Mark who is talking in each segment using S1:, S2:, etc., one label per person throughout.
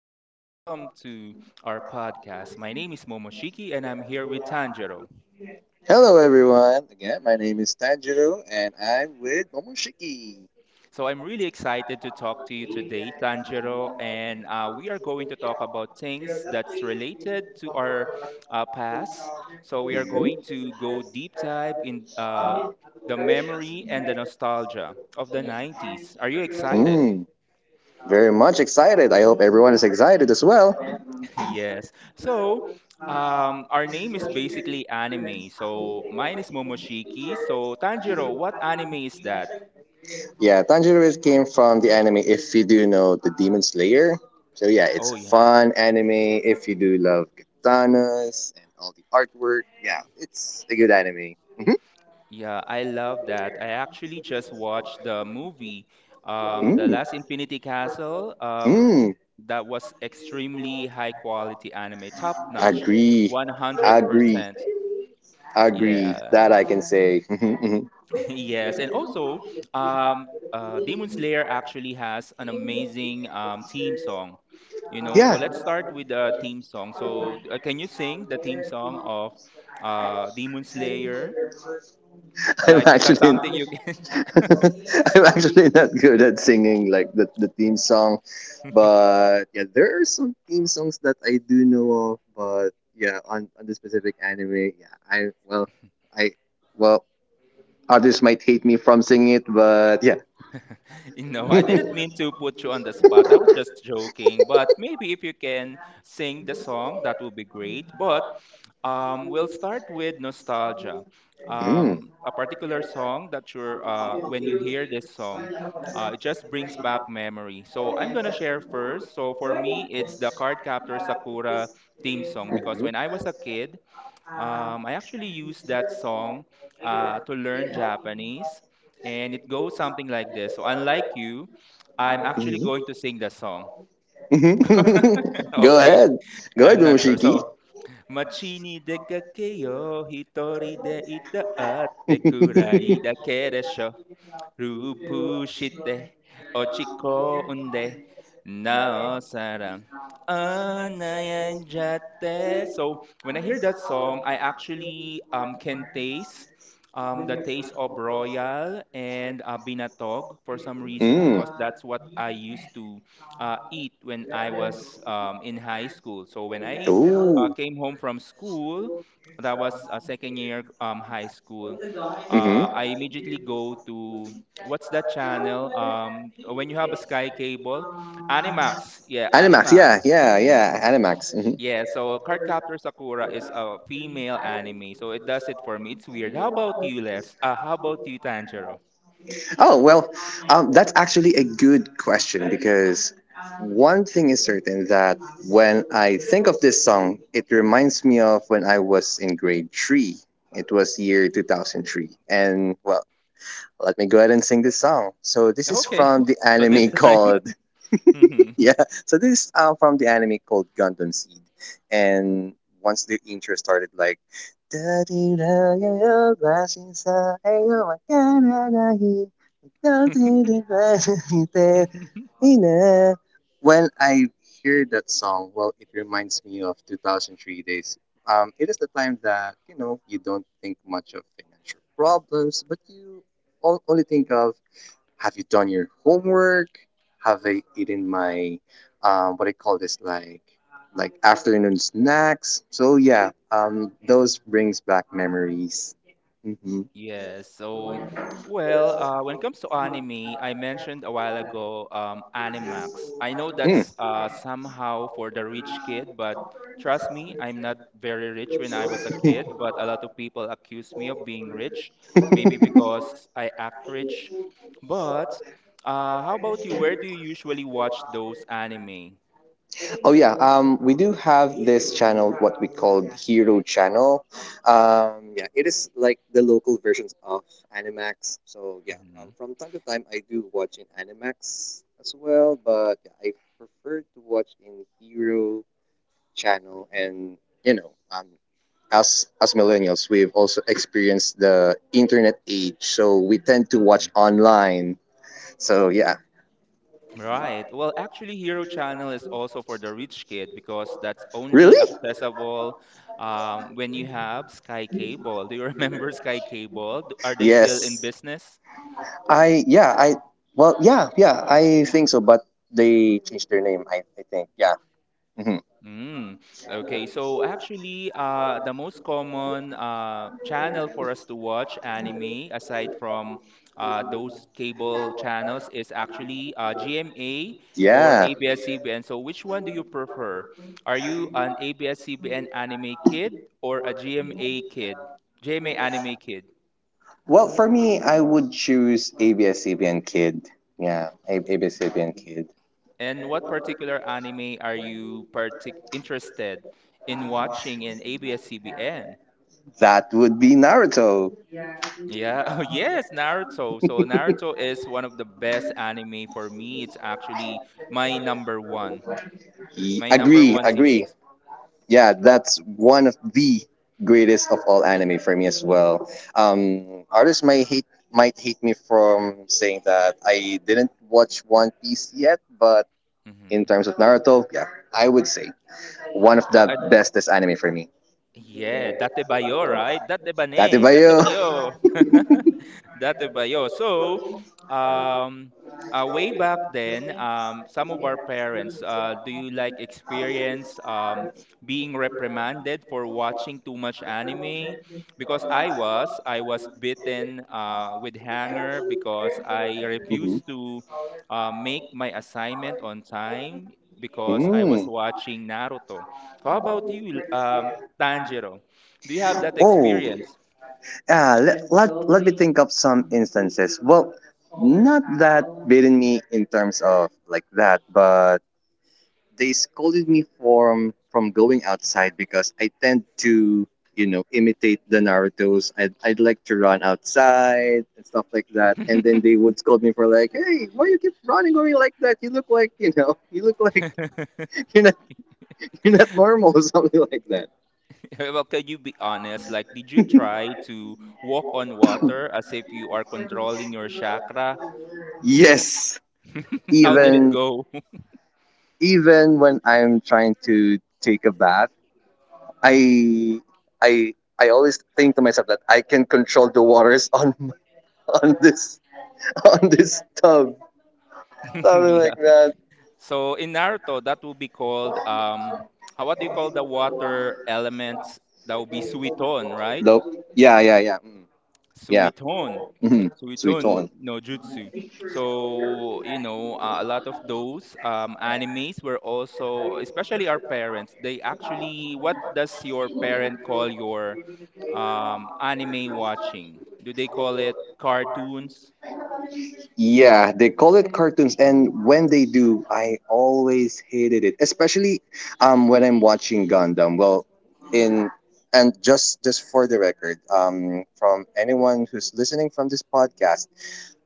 S1: or welcome to our podcast. My name is Momoshiki and I'm here with Tanjiro.
S2: Hello, everyone. Again, my name is Tanjiro, and I'm with Momoshiki.
S1: So, I'm really excited to talk to you today, Tanjiro, and we are going to talk about things that's related to our past. So, we are
S2: Mhm.
S1: going to go deep dive in the memory and the nostalgia of the 90s. Are you excited?
S2: Mm, very much excited. I hope everyone is excited as well.
S1: Yes. So, our name is basically anime. So mine is Momoshiki. So Tanjiro, what anime is that?
S2: Yeah, came from the anime, if you do know, The Demon Slayer. So, yeah, it's
S1: Oh
S2: a
S1: yeah,
S2: fun anime if you do love katanas and all the artwork. Yeah, it's a good anime. Mm-hmm.
S1: yeah, I love that. I actually just watched the movie, The
S2: hmm
S1: Last Infinity Castle.
S2: Mm, mm.
S1: That was extremely high quality anime, top notch,
S2: Agree. Agree.
S1: 100%.
S2: Agree.
S1: Yeah,
S2: That I can say. Mhm, mhm.
S1: yes, and also, Demon Slayer actually has an amazing theme song. You know, so
S2: Yeah.
S1: let's start with the theme song. So can you sing the theme song of Demon Slayer?
S2: I'm
S1: Like, is that
S2: actually
S1: something you can...
S2: I'm actually not good at singing like the theme song, but yeah, there are some theme songs that I do know of. But yeah, on the specific anime, yeah, I well, others might hate me from singing it, but yeah.
S1: You know, I didn't mean to put you on the spot, I was just joking, but maybe if you can sing the song, that would be great. But we'll start with nostalgia.
S2: Mm.
S1: A particular song that when you hear this song, it just brings back memory. So I'm gonna share first. So for me, it's the Cardcaptor Sakura theme song because
S2: Mhm.
S1: when I was a kid, I actually used that song to learn Japanese, and it goes something like this. So unlike you, I'm actually
S2: Mhm.
S1: going to sing the song.
S2: Go
S1: Okay,
S2: ahead. Go ahead,
S1: I'm not sure.
S2: Mumushiki.
S1: So. 街に出かけよう、一人でいたってくらいだ けでしょ 루프시대 어찌거운데 나 사람 안아야자대. So when I hear that song, I actually can taste the taste of royal and binatog for some reason
S2: mm.
S1: because that's what I used to eat when I was in high school. So when I
S2: Ooh.
S1: came home from school, that was second year high school.
S2: hmm
S1: I immediately go to... what's that channel? When you have a Sky Cable, Animax. Yeah,
S2: Animax,
S1: Animax.
S2: yeah, yeah, yeah, Animax.
S1: Yeah, so Cardcaptor Sakura is a female anime, so it does it for me. It's weird. How about you, Les? How about you, Tanjiro?
S2: Oh, well, that's actually a good question because one thing is certain that when I think of this song, it reminds me of when I was in grade three. It was year 2003. And well, let me go ahead and sing this song. So, this is
S1: Okay,
S2: from the
S1: so this
S2: anime called
S1: time.
S2: yeah. So this is from the anime called Gundam Seed, and once the intro started, like "Da-dee-da-yo-yo, glass-in-sa, ayo, wa kana-nahi, da-dee-dee-glass-in-sa, ina." When I hear that song, well, it reminds me of 2003 days. It is the time that you know you don't think much of financial problems, but you only think of, have you done your homework? Have I eaten my, what I call this, like afternoon snacks? So yeah, those brings back memories. Mm-hmm.
S1: Yes. So, well, when it comes to anime, I mentioned a while ago, Animax. I know
S2: hmm
S1: that's somehow for the rich kid, but trust me, I'm not very rich when I was a kid, but a lot of people accuse me of being rich, maybe
S2: Mm.
S1: because I act rich. But how about you? Where do you usually watch those anime?
S2: Oh yeah, we do have this channel, what we call Hero Channel. Yeah, it is like the local versions of Animax. So yeah, from time to time I do watch in Animax as well, but yeah, I prefer to watch in Hero Channel. And you know, as millennials, we've also experienced the internet age, so we tend to watch
S1: Hmm.
S2: online. So yeah,
S1: Right. Well, actually, Hero Channel is also for the rich kid because that's only
S2: really?
S1: accessible when you have Sky Cable. Do you remember Sky Cable? Are they still in
S2: Yes.
S1: business?
S2: I yeah, I well yeah, yeah, I think so, but they changed their name, I think. Yeah. hmm
S1: Mm, okay, so actually, the most common channel for us to watch anime, aside from those cable channels, is actually GMA or
S2: Yeah.
S1: ABS-CBN. So, which one do you prefer? Are you an ABS-CBN anime kid or a GMA kid? GMA anime kid.
S2: Well, for me, I would choose abs Kid. Yeah, ABS-CBN Kid.
S1: And what particular anime are you partic interested in watching in ABS-CBN?
S2: That would be Naruto.
S1: Yeah, oh yes, Naruto. So Naruto is one of the best anime for me. It's actually my number one, my number
S2: Agree,
S1: one
S2: agree.
S1: series.
S2: Yeah, that's one of the greatest of all anime for me as well. Artists might hate me from saying that I didn't watch One Piece yet, but in
S1: Hmm.
S2: terms of Naruto, yeah, I would say one of
S1: Well, I,
S2: the bestest anime for me.
S1: yeah, Date Bayo, right? Date
S2: Dati
S1: Bane,
S2: ba
S1: Date
S2: yun?
S1: Bayo. Dati Bayo. So, um, way back then, some of our parents, do you like experience being reprimanded for watching too much anime? Because I was bitten with hanger because I
S2: Mhm.
S1: refused to make my assignment on time because I was
S2: Mm.
S1: watching Naruto. How about you, Tanjiro? Do you have that
S2: Oh,
S1: experience?
S2: let me think of some instances. Well, not that beating me in terms of like that, but they scolded me from going outside because I tend to, you know, imitate the Naruto's. I'd like to run outside and stuff like that. And then they would scold me for like, hey, why you keep running away like that? You look like, you know, you look like you're not you're not normal or something like that.
S1: Well, can you be honest? Like, did you try to walk on water as if you are controlling your chakra?
S2: Yes,
S1: How did it
S2: even
S1: go?
S2: even when I'm trying to take a bath, I I always think to myself that I can control the waters on on this on this tub, something like
S1: Yeah.
S2: that.
S1: So in Naruto, that will be called how, what do you call the water elements? That will be Suiton, right?
S2: Nope. Yeah, yeah, yeah. Mm, yeah.
S1: Suiton,
S2: hmm Sweet
S1: Suiton
S2: one.
S1: no Jutsu. So, you know, a lot of those animes were also, especially our parents. They actually, what does your parent call your anime watching? Do they call it cartoons?
S2: Yeah, they call it cartoons, and when they do, I always hated it, especially when I'm watching Gundam. Well, in and just for the record, from anyone who's listening from this podcast.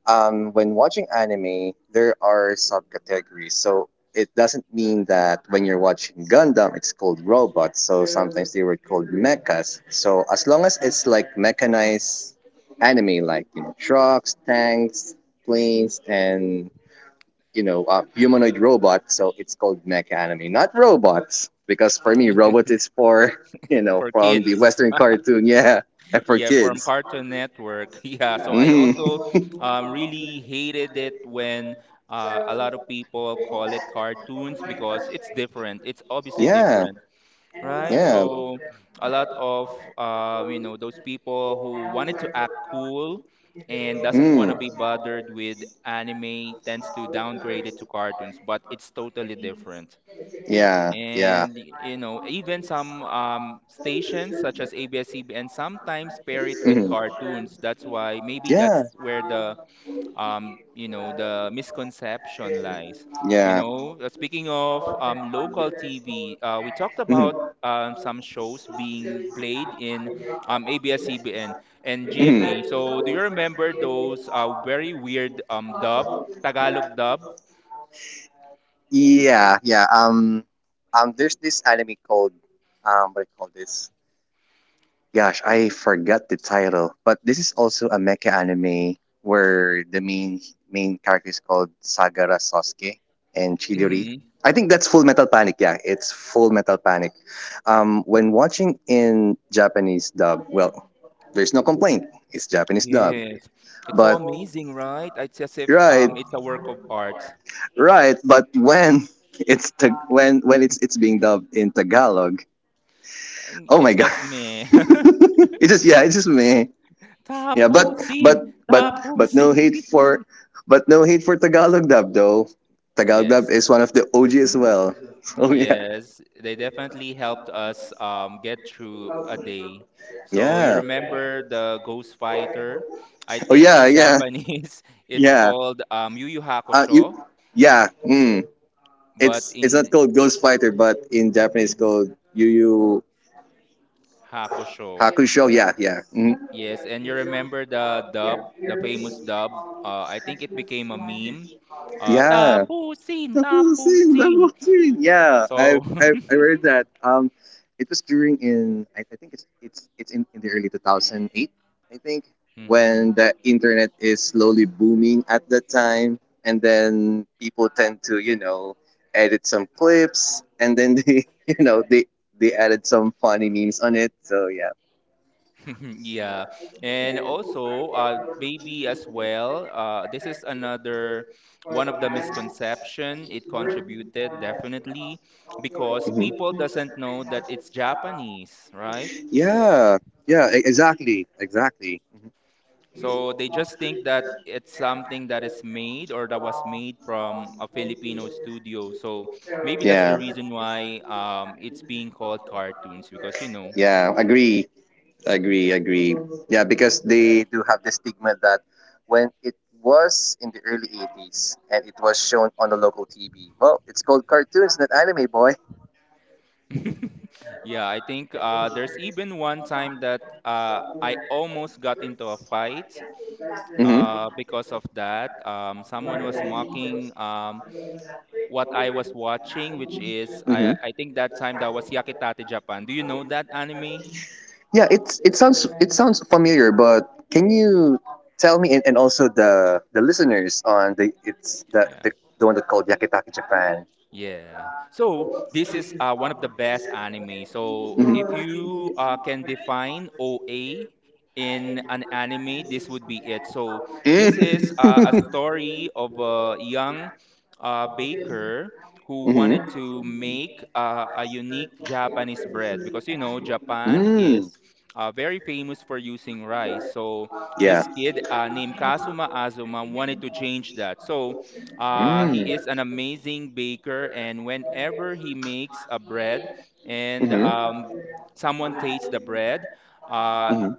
S2: When watching anime, there are subcategories. So it doesn't mean that when you're watching Gundam, it's called robots. So sometimes they were called mechas. So as long as it's like mechanized anime, like you know trucks, tanks, planes, and you know humanoid robots, so it's called mecha anime, not robots. Because for me, robot is for you know
S1: For
S2: from the
S1: kids?
S2: Western cartoon, yeah, and for
S1: Yeah, from
S2: kids.
S1: Cartoon Network. Yeah, so I
S2: Mhm.
S1: also really hated it when a lot of people call it cartoons because it's different. It's obviously
S2: Yeah,
S1: different, right?
S2: yeah.
S1: So a lot of you know, those people who wanted to act cool and doesn't want
S2: Mm.
S1: to be bothered with anime tends to downgrade it to cartoons, but it's totally different.
S2: Yeah. Yeah.
S1: And you know, even some stations such as ABS-CBN sometimes pair it with
S2: Mhm.
S1: cartoons. That's why, maybe
S2: Yeah.
S1: that's where the you know, the misconception lies. You
S2: Yeah.
S1: know, speaking of local TV, we talked
S2: Mhm.
S1: about some shows being played in ABS-CBN and
S2: Mhm.
S1: GMA. So do you remember those very weird dub, Tagalog dub?
S2: Yeah. Yeah. There's this anime called What do you call this? Gosh, I forgot the title, but this is also a mecha anime where the main character is called Sagara Sasuke and
S1: Mm-hmm.
S2: Chidori. I think that's Full Metal Panic. Yeah, it's Full Metal Panic. When watching in Japanese dub, well, there's no complaint. It's Japanese dub,
S1: Yes, it's so
S2: but
S1: amazing, right? It's as if
S2: right,
S1: it's a work of art.
S2: right. But when when it's being dubbed in Tagalog,
S1: And
S2: oh
S1: it's
S2: my god,
S1: just me.
S2: it just yeah, it's just me. Yeah,
S1: Tapusin,
S2: but but but no
S1: tapusin.
S2: hate for, but no hate for Tagalog dub though. Tagalog dub
S1: Yes,
S2: is one of the OG as well. Oh yeah,
S1: yes, they definitely helped us get through a day. So you
S2: yeah.
S1: remember the Ghost Fighter? I
S2: Oh
S1: think
S2: yeah,
S1: in
S2: yeah,
S1: Japanese it's
S2: yeah.
S1: called Yu Yu
S2: Uh,
S1: Hakusho,
S2: you, yeah. Mm.
S1: but
S2: It's not
S1: in
S2: called Ghost Fighter, but in Japanese called Yu Yu
S1: Hakusho.
S2: Hakusho. Yeah, yeah. Mm.
S1: Yes, and you remember the dub, the famous dub. I think it became a meme.
S2: Yeah.
S1: Tapusin,
S2: Double scene,
S1: tapusin.
S2: double scene. Yeah, I
S1: So,
S2: I I read that. It was during in I think in the early 2008, I think, when
S1: mhm.
S2: the internet is slowly booming at that time, and then people tend to you know edit some clips, and then they you know they added some funny memes on it. So yeah.
S1: Yeah. And also, baby as well. This is another one of the misconception. It contributed definitely because people
S2: Mhm.
S1: doesn't know that it's Japanese, right?
S2: Yeah, yeah, exactly, exactly. Mhm.
S1: So they just think that it's something that is made or that was made from a Filipino studio. So maybe that's the
S2: Yeah.
S1: reason why it's being called cartoons because you know.
S2: Yeah, agree, agree, agree. Yeah, because they do have the stigma that when it was in the early 80s and it was shown on the local TV, well, it's called cartoons, not anime, boy.
S1: Yeah, I think there's even one time that I almost got into a fight
S2: hmm
S1: because of that. Someone was mocking what I was watching, which is
S2: hmm
S1: I think that time that was Yakitate Japan. Do you know that anime?
S2: Yeah, it sounds, it sounds familiar, but can you tell me, and also the listeners on the it's
S1: Yeah.
S2: the one that called Yakitaki Japan.
S1: Yeah. So this is one of the best anime. So if
S2: hmm
S1: you can define OA in an anime, this would be it. So this is a
S2: Mm.
S1: story of a young baker who
S2: hmm
S1: wanted to make a unique Japanese bread because you know Japan
S2: Mm.
S1: is very famous for using rice. So
S2: Yeah.
S1: this kid named Kazuma Azuma wanted to change that. So
S2: Mm.
S1: he is an amazing baker, and whenever he makes a bread and
S2: hmm
S1: someone tastes the bread, uh,
S2: hmm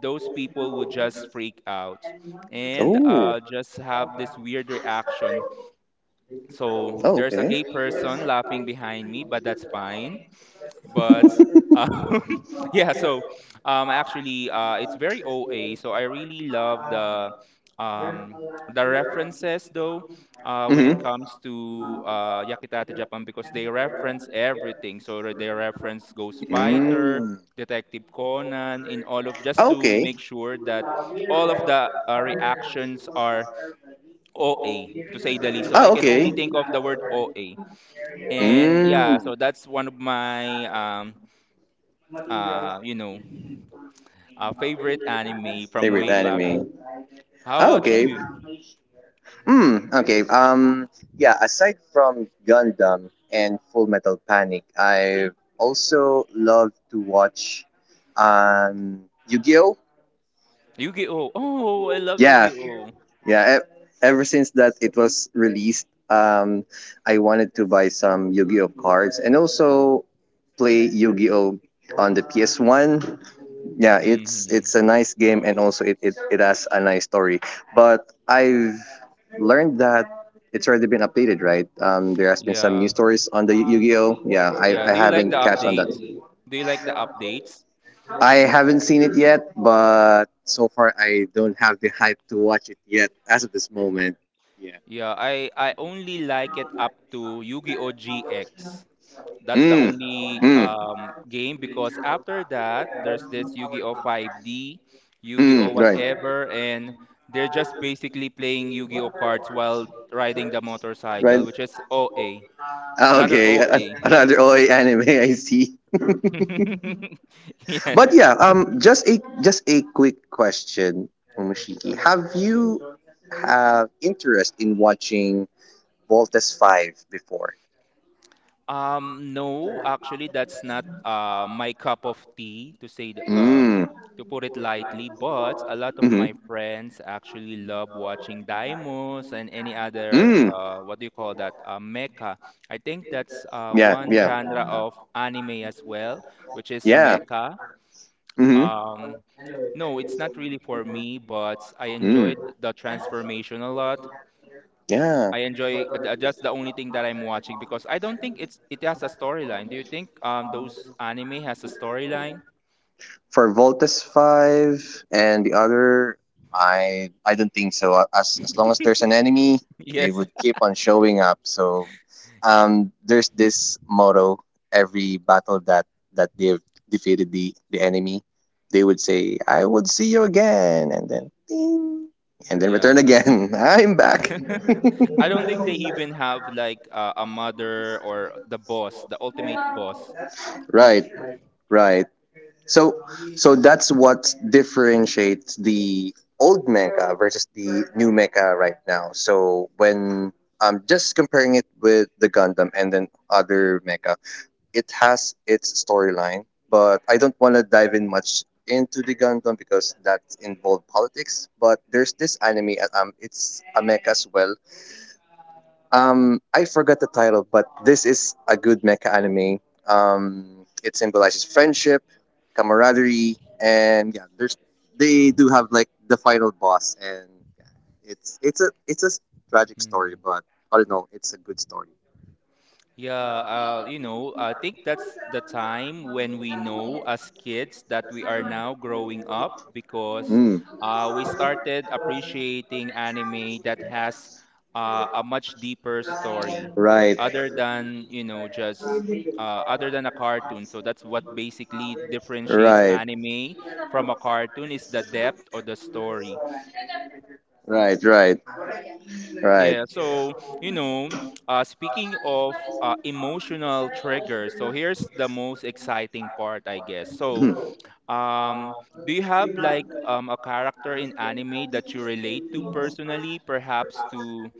S1: those people would just freak out and
S2: Oh.
S1: just have this weird reaction. So
S2: Oh,
S1: there's a
S2: okay.
S1: gay person laughing behind me, but that's fine. But um, yeah, so actually, it's very oa, so I really love um the references though when it
S2: hmm
S1: comes to Yakitate Japan because they reference everything, so they reference Ghost Fighter,
S2: Mm.
S1: Detective Conan, in all of, just to
S2: Okay.
S1: make sure that all of the reactions are oa, to say the least. So I
S2: Oh,
S1: can
S2: okay.
S1: only think of the word oa, and yeah,
S2: Mm.
S1: so that's one of my you know, a favorite anime from
S2: Favorite
S1: way back.
S2: anime?
S1: How
S2: Oh,
S1: about
S2: okay.
S1: you?
S2: Hmm. Okay. Yeah. Aside from Gundam and Full Metal Panic, I also love to watch Yu-Gi-Oh.
S1: Yu-Gi-Oh! Oh, I love
S2: Yeah.
S1: Yu-Gi-Oh!
S2: Yeah. Ever since that it was released, I wanted to buy some Yu-Gi-Oh cards and also play Yu-Gi-Oh on the PS One. Yeah,
S1: Mm-hmm.
S2: it's a nice game and also it has a nice story. But I've learned that it's already been updated, right? There has been some
S1: Yeah,
S2: new stories on the Yu-Gi-Oh. Yeah,
S1: yeah.
S2: I
S1: Do you like the
S2: haven't catch on that.
S1: updates? Do you like the updates?
S2: I haven't seen it yet, but so far I don't have the hype to watch it yet as of this moment.
S1: Yeah, I only like it up to Yu-Gi-Oh! GX. That's
S2: Mm.
S1: the only
S2: Mm.
S1: game because after that, there's this Yu-Gi-Oh! 5D, Yu-Gi-Oh!
S2: Mm. Right.
S1: Whatever, and they're just basically playing Yu-Gi-Oh! Cards while riding the
S2: Right.
S1: motorcycle, which is OA.
S2: Ah,
S1: Another
S2: okay,
S1: OA.
S2: another OA anime. I see.
S1: Yes.
S2: But yeah, just a quick question, Momoshiki. Have interest in watching Voltes Five before?
S1: No, actually, that's not my cup of tea, to say the,
S2: Mm.
S1: to put it lightly, but a lot of
S2: Mm.
S1: my friends actually love watching Daimos and any other
S2: Mm.
S1: what do you call that? Mecha. I think that's
S2: Yeah.
S1: one
S2: Yeah.
S1: genre of anime as well, which is
S2: Yeah.
S1: mecha.
S2: Mm.
S1: Um, no, it's not really for me, but I
S2: Mm.
S1: enjoyed the transformation a lot.
S2: Yeah.
S1: I enjoy that's the only thing that I'm watching because I don't think it's, it has a storyline. Do you think those anime has a storyline?
S2: For Voltes 5 and the other, I don't think so. As long as there's an enemy, they
S1: Yes.
S2: would keep on showing up. So there's this motto: every battle that they've defeated the enemy, they would say, "I would see you again," and then ding, and then return
S1: Yes.
S2: again. I'm back.
S1: I don't think they even have like a mother or the boss, the ultimate boss.
S2: right. Right. So that's what differentiates the old mecha versus the new mecha right now. So when I'm just comparing it with the Gundam and then other mecha, it has its storyline, but I don't want to dive in much into the Gundam because that involved politics. But there's this anime, it's a mecha as well, I forgot the title, but this is a good mecha anime. It symbolizes friendship, camaraderie, and yeah, there's they do have like the final boss, and yeah, it's a tragic story,
S1: Hmm.
S2: but all in all, it's a good story.
S1: Yeah, you know, I think that's the time when we know as kids that we are now growing up because
S2: Mm,
S1: we started appreciating anime that has a much deeper story
S2: right,
S1: other than, you know, just other than a cartoon. So that's what basically differentiates
S2: right,
S1: anime from a cartoon, is the depth of the story.
S2: right, right, right.
S1: Yeah, so you know, speaking of emotional triggers, so here's the most exciting part, I guess. So, um, do you have like a character in anime that you relate to personally, perhaps to,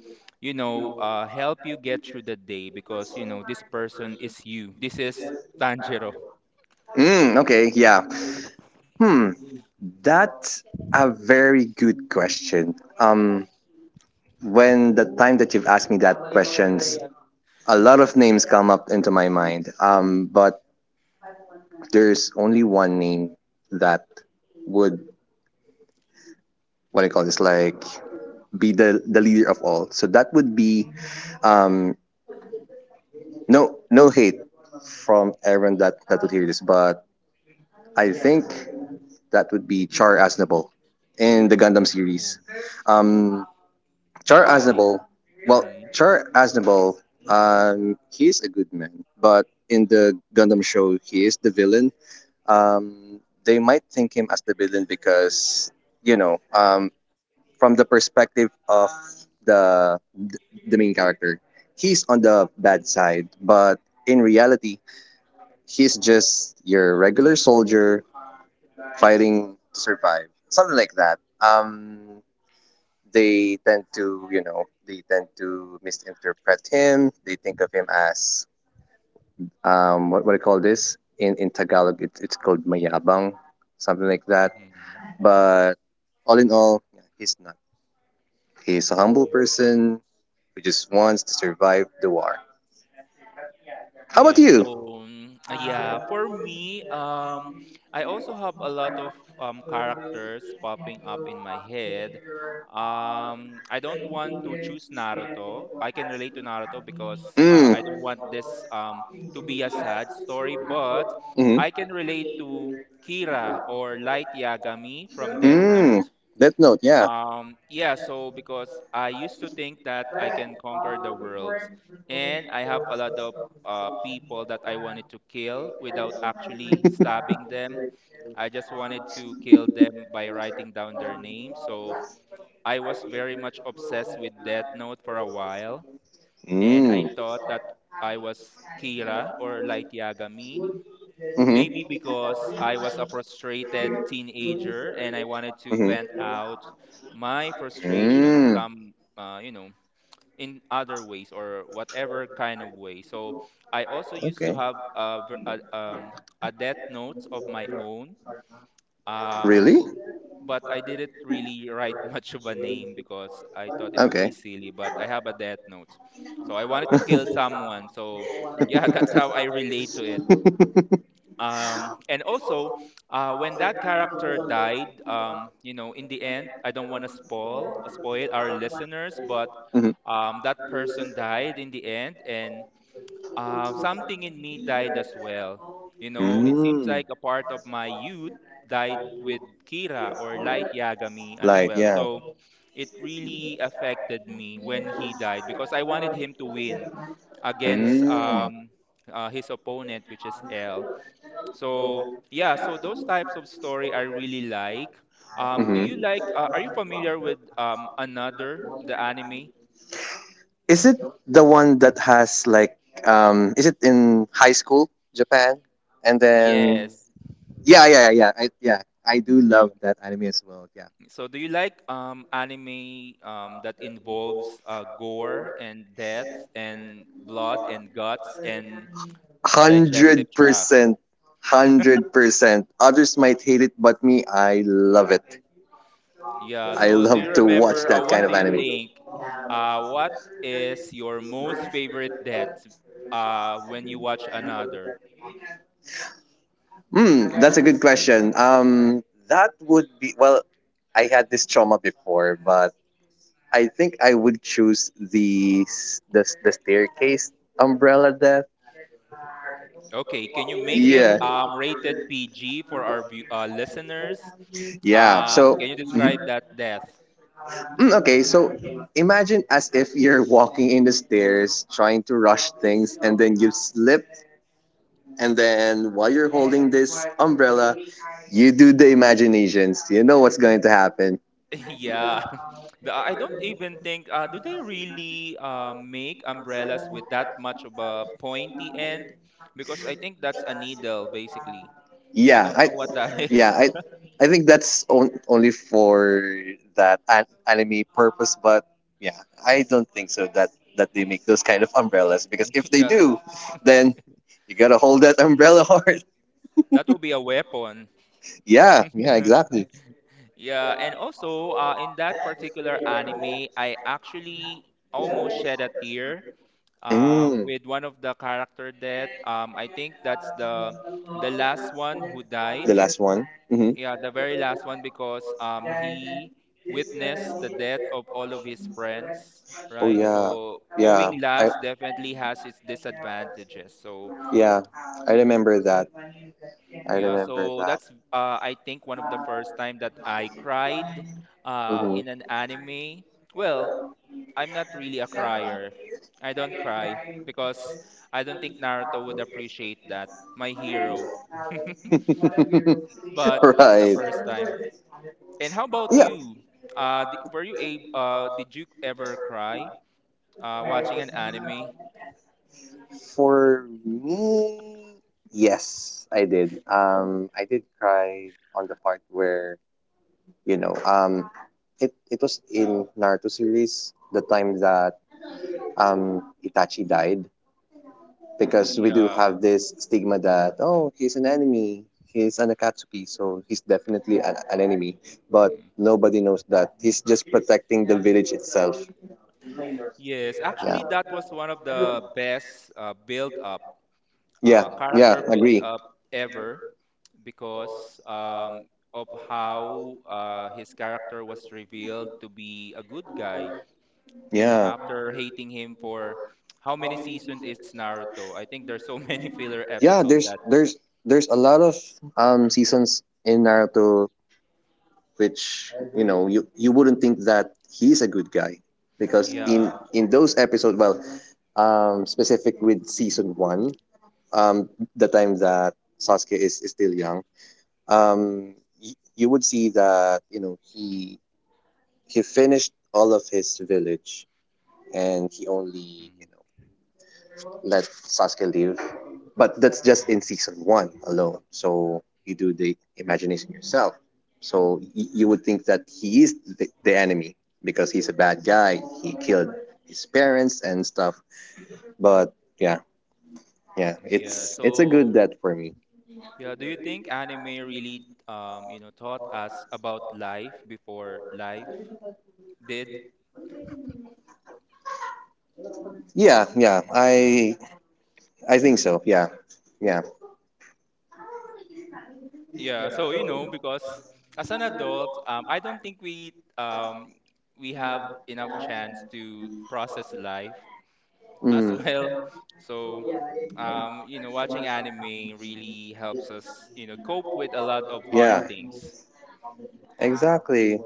S1: you know, help you get through the day? Because you know, this person is you. This is Tanjiro.
S2: Mm, okay, yeah. Hmm, that's a very good question. When the time that you've asked me that questions, a lot of names come up into my mind. But there's only one name that would, what do you call this, like be the leader of all. So that would be um, no no hate from everyone that would hear this, but I think that would be Char Aznable in the Gundam
S1: Oh,
S2: series. Um, Char
S1: why?
S2: Aznable, well,
S1: Mm-hmm.
S2: Char Aznable, he's a good man, but in the Gundam show, he is the villain. They might think him as the villain because, you know, from the perspective of the the main character, he's on the bad side, but in reality, he's just your regular soldier fighting to survive, something like that. They tend to you know they tend to misinterpret him, they think of him as what do you call this in tagalog, it's called mayabang, something like that,
S1: Mm-hmm.
S2: but all in all yeah, he's not he's a humble
S1: Yeah.
S2: person who just wants to survive the war. How about
S1: Yeah, so
S2: you?
S1: yeah, for me, I also have a lot of characters popping up in my head. I don't want to choose Naruto. I can relate to Naruto because
S2: Mm.
S1: I don't want this to be a sad story, but
S2: Mm.
S1: I can relate to Kira or Light Yagami from Death Note.
S2: That note, yeah.
S1: Yeah, so because I used to think that I can conquer the worlds, and I have a lot of people that I wanted to kill without actually stabbing them. I just wanted to kill them by writing down their name. So I was very much obsessed with Death Note for a while, and I
S2: Mm.
S1: thought that I was Kira or Light Yagami. Maybe
S2: Mm-hmm.
S1: because I was a frustrated teenager and I wanted to vent
S2: Mm-hmm.
S1: out my frustration
S2: Mm.
S1: some, in other ways or whatever kind of way. So I also used to
S2: Okay.
S1: have a death note of my own, um,
S2: Really?
S1: but I didn't really write much of a name because I thought it would
S2: Okay.
S1: be silly. But I have a death note, so I wanted to kill someone. So yeah, that's how I relate to it, and also when that character died, in the end, I don't want to spoil our listeners, but that person died in the end, and something in me died as well. You know,
S2: Mhm.
S1: it seems
S2: Mm.
S1: like a part of my youth died with Kira or Light Yagami as
S2: Light,
S1: well.
S2: yeah.
S1: So it really affected me when he died because I wanted him to win against
S2: Mm.
S1: his opponent, which is L. So yeah, so those types of story I really like. Do you
S2: Hmm.
S1: like? Are you familiar with another the anime?
S2: Is it the one that has, like, is it in high school Japan, and then
S1: Yes,
S2: yeah, yeah, yeah, yeah, yeah, I do
S1: you.
S2: love that anime as well, yeah.
S1: So do you like anime that involves gore and death and blood and guts and digestive
S2: hundred
S1: tracts?
S2: percent 100%. Others might hate it, but me, I love it.
S1: Yeah.
S2: I
S1: So do you
S2: love to watch
S1: remember?
S2: that kind
S1: What do
S2: of
S1: you
S2: anime.
S1: think? What is your most favorite death? When you watch another?
S2: Mm, that's a good question. That would be, well, I had this trauma before, but I think I would choose the staircase umbrella death.
S1: Okay, can you make it
S2: Yeah,
S1: rated PG for our view, listeners?
S2: yeah.
S1: Can
S2: So.
S1: you describe
S2: Mhm.
S1: that death?
S2: Mm, okay, so imagine as if you're walking in the stairs trying to rush things, and then you slip, and then while you're holding this umbrella, you do the imaginations. You know what's going to happen.
S1: Yeah, I don't even think, do they really make umbrellas with that much of a pointy end? Because I think that's a needle basically. I
S2: Yeah,
S1: don't
S2: I
S1: know what that
S2: yeah,
S1: is.
S2: I I think that's on, only for that anime purpose, but yeah, I don't think so that that they make those kind of umbrellas, because if they
S1: Yeah, tha-
S2: do, then you got to hold that umbrella hard.
S1: that will be a weapon.
S2: Yeah, yeah, exactly.
S1: Yeah, and also in that particular anime, I actually almost shed a tear
S2: Mm,
S1: with one of the character death. I think that's the last one who
S2: the
S1: died.
S2: last one. Hmm.
S1: Yeah, the very last one because he witnessed the death of all of his friends,
S2: Oh
S1: right?
S2: yeah,
S1: So
S2: yeah.
S1: going
S2: I
S1: last definitely has its disadvantages. So
S2: yeah, I remember that. I
S1: yeah,
S2: remember
S1: so
S2: that.
S1: that's I think one of the first time that I cried
S2: Hmm.
S1: in an anime. Well, I'm not really a crier. I don't cry because I don't think Naruto would appreciate that. My hero. But that's the
S2: Right.
S1: first time. And how about
S2: Yeah.
S1: you? D- were you a did you ever cry watching an anime?
S2: For me, yes, I did. I did cry on the part where You know, um, it was in Naruto series, the time that Itachi died, because we do
S1: Yeah.
S2: have this stigma that, oh, he's an enemy, he's an Akatsuki, so he's definitely an enemy. But
S1: Mm.
S2: nobody knows that he's just protecting the village itself.
S1: Yes,
S2: Yeah,
S1: actually, that was one of the best
S2: yeah, yeah.
S1: character build
S2: Agree.
S1: up ever because of how his character was revealed to be a good guy. You know,
S2: Yeah.
S1: after hating him for how many seasons is Naruto? I think there's so many filler
S2: Yeah,
S1: episode
S2: there's
S1: that.
S2: there's there's a lot of seasons in Naruto, which you
S1: Mm.
S2: wouldn't think that he's a good guy, because in
S1: Yeah,
S2: in those episodes, well, specific with season 1, um the time that Sasuke is still young, um you would see that he finished all of his village, and he only
S1: mm,
S2: let Sasuke leave. But that's just in
S1: yeah,
S2: season one alone. So you do the imagination yourself. So you would think that he is the enemy, because he's a bad guy. He killed his parents and stuff. But yeah, yeah,
S1: yeah.
S2: it's a good
S1: So
S2: death for me.
S1: yeah, do you think anime really, taught us about life before life did?
S2: Yeah, yeah, I think so. Yeah, yeah.
S1: Yeah, so you know, because as an adult, I don't think we have enough chance to process life as
S2: Mm,
S1: well. So, watching anime really helps us, you know, cope with a lot of hard
S2: yeah,
S1: things.
S2: exactly.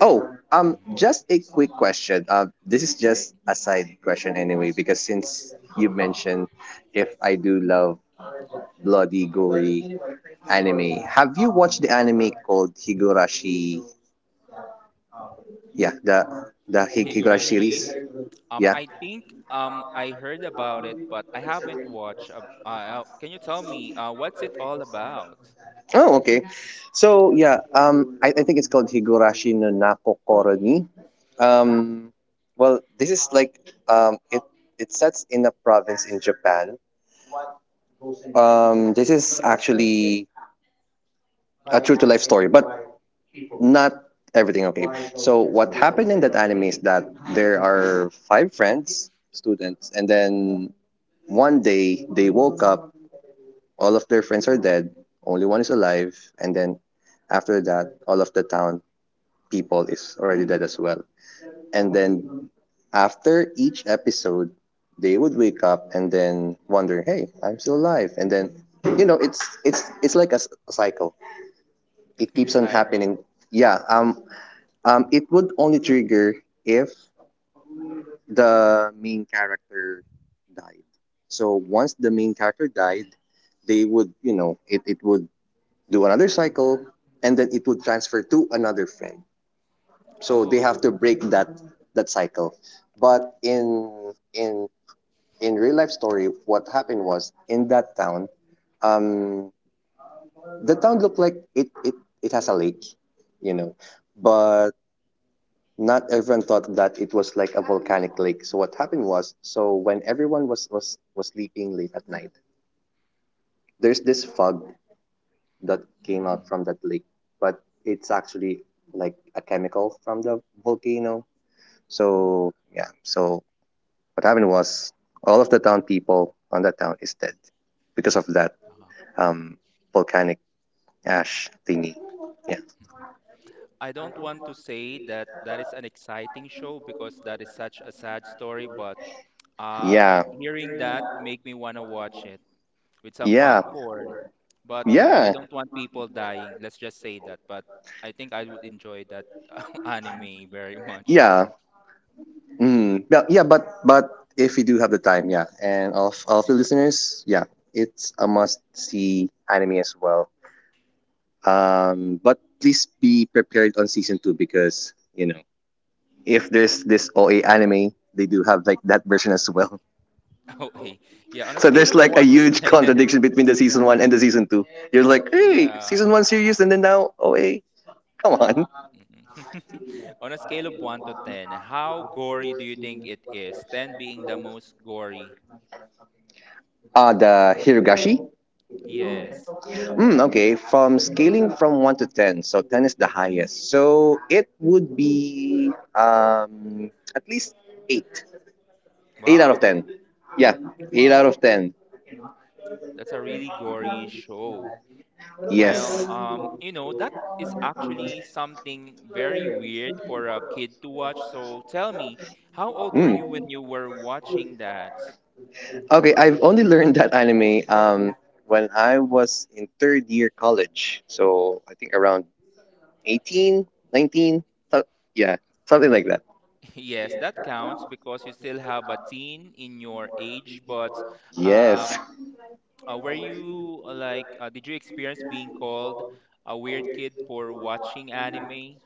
S2: Oh,
S1: Mhm.
S2: just a quick question. This is just a side question anyway, because since you mentioned, if I do love bloody gory anime, have you watched the anime called Higurashi? Yeah, the Higurashi
S1: Higurashi.
S2: series.
S1: Um,
S2: Yeah.
S1: I think um, I heard about it, but I haven't watched. Can you tell me what's it all about?
S2: Oh, okay. So yeah, I think it's called Higurashi no Nako Koroni. Um, well, this is like, um, it it sets in a province in Japan. This is actually a true to life story, but not everything. Okay. So what happened in that anime is that there are five friends, students, and then one day they woke up. All of their friends are dead, only one is alive, and then after that, all of the town people is already dead as well. And then after each episode, they would wake up and then wonder, "Hey, I'm still alive." And then, it's like a cycle. It keeps on
S1: Psycho.
S2: happening. Yeah. It would only trigger if the main character died. So once the main character died, they would, it would do another cycle, and then it would transfer to another friend. So they have
S1: Oh.
S2: to break that cycle. But in real life story, what happened was, in that town, um, the town looked like it has a lake, you know, but not everyone thought that it was like a volcanic lake. So what happened was, so when everyone was sleeping late at night, there's this fog that came out
S1: Hmm.
S2: from that lake, but it's actually like a chemical from the volcano. So yeah, so what happened was, all of the town people on that town is dead, because of that
S1: Ah.
S2: um, volcanic ash thingy. Yeah,
S1: I don't want to say that that is an exciting show because that is such a sad story, but uh
S2: yeah,
S1: hearing that make me wanna watch it. With some
S2: yeah,
S1: popcorn. But you know, I
S2: yeah,
S1: don't want people dying. Let's just say that. But I think I would enjoy that anime very much.
S2: yeah. Mm. Yeah, yeah, but if you do have the time, yeah, and all of the listeners, yeah, it's a must see anime as well. But please be prepared on season two, because if there's this OA anime, they do have like that version as well.
S1: Okay. Yeah, on a
S2: So
S1: scale
S2: there's
S1: of
S2: like a
S1: one to
S2: huge
S1: ten,
S2: contradiction between the season one and the season two. You're like, hey,
S1: yeah.
S2: season one serious, and then now OA. Come on.
S1: Mhm. On a scale of one to ten, how gory do you think it is? Ten being the most gory.
S2: The Hirugashi.
S1: Yes.
S2: Mm, okay, from scaling from 1 to 10, so 10 is the highest. So it would be, at least 8. 8 out
S1: Wow,
S2: of
S1: that,
S2: 10. Yeah, eight
S1: wow.
S2: out of ten.
S1: That's a really gory show. Well,
S2: Yes.
S1: you know, that is actually something very weird for a kid to watch. So tell me, how old were
S2: Mm.
S1: you when you were watching that?
S2: Okay, I've only learned that anime when I was in third year college. So I think around 18, 19, so- yeah, something like that.
S1: Yes, that counts because you still have a teen in your age, but
S2: Yes.
S1: um, did you experience being called a weird kid for watching anime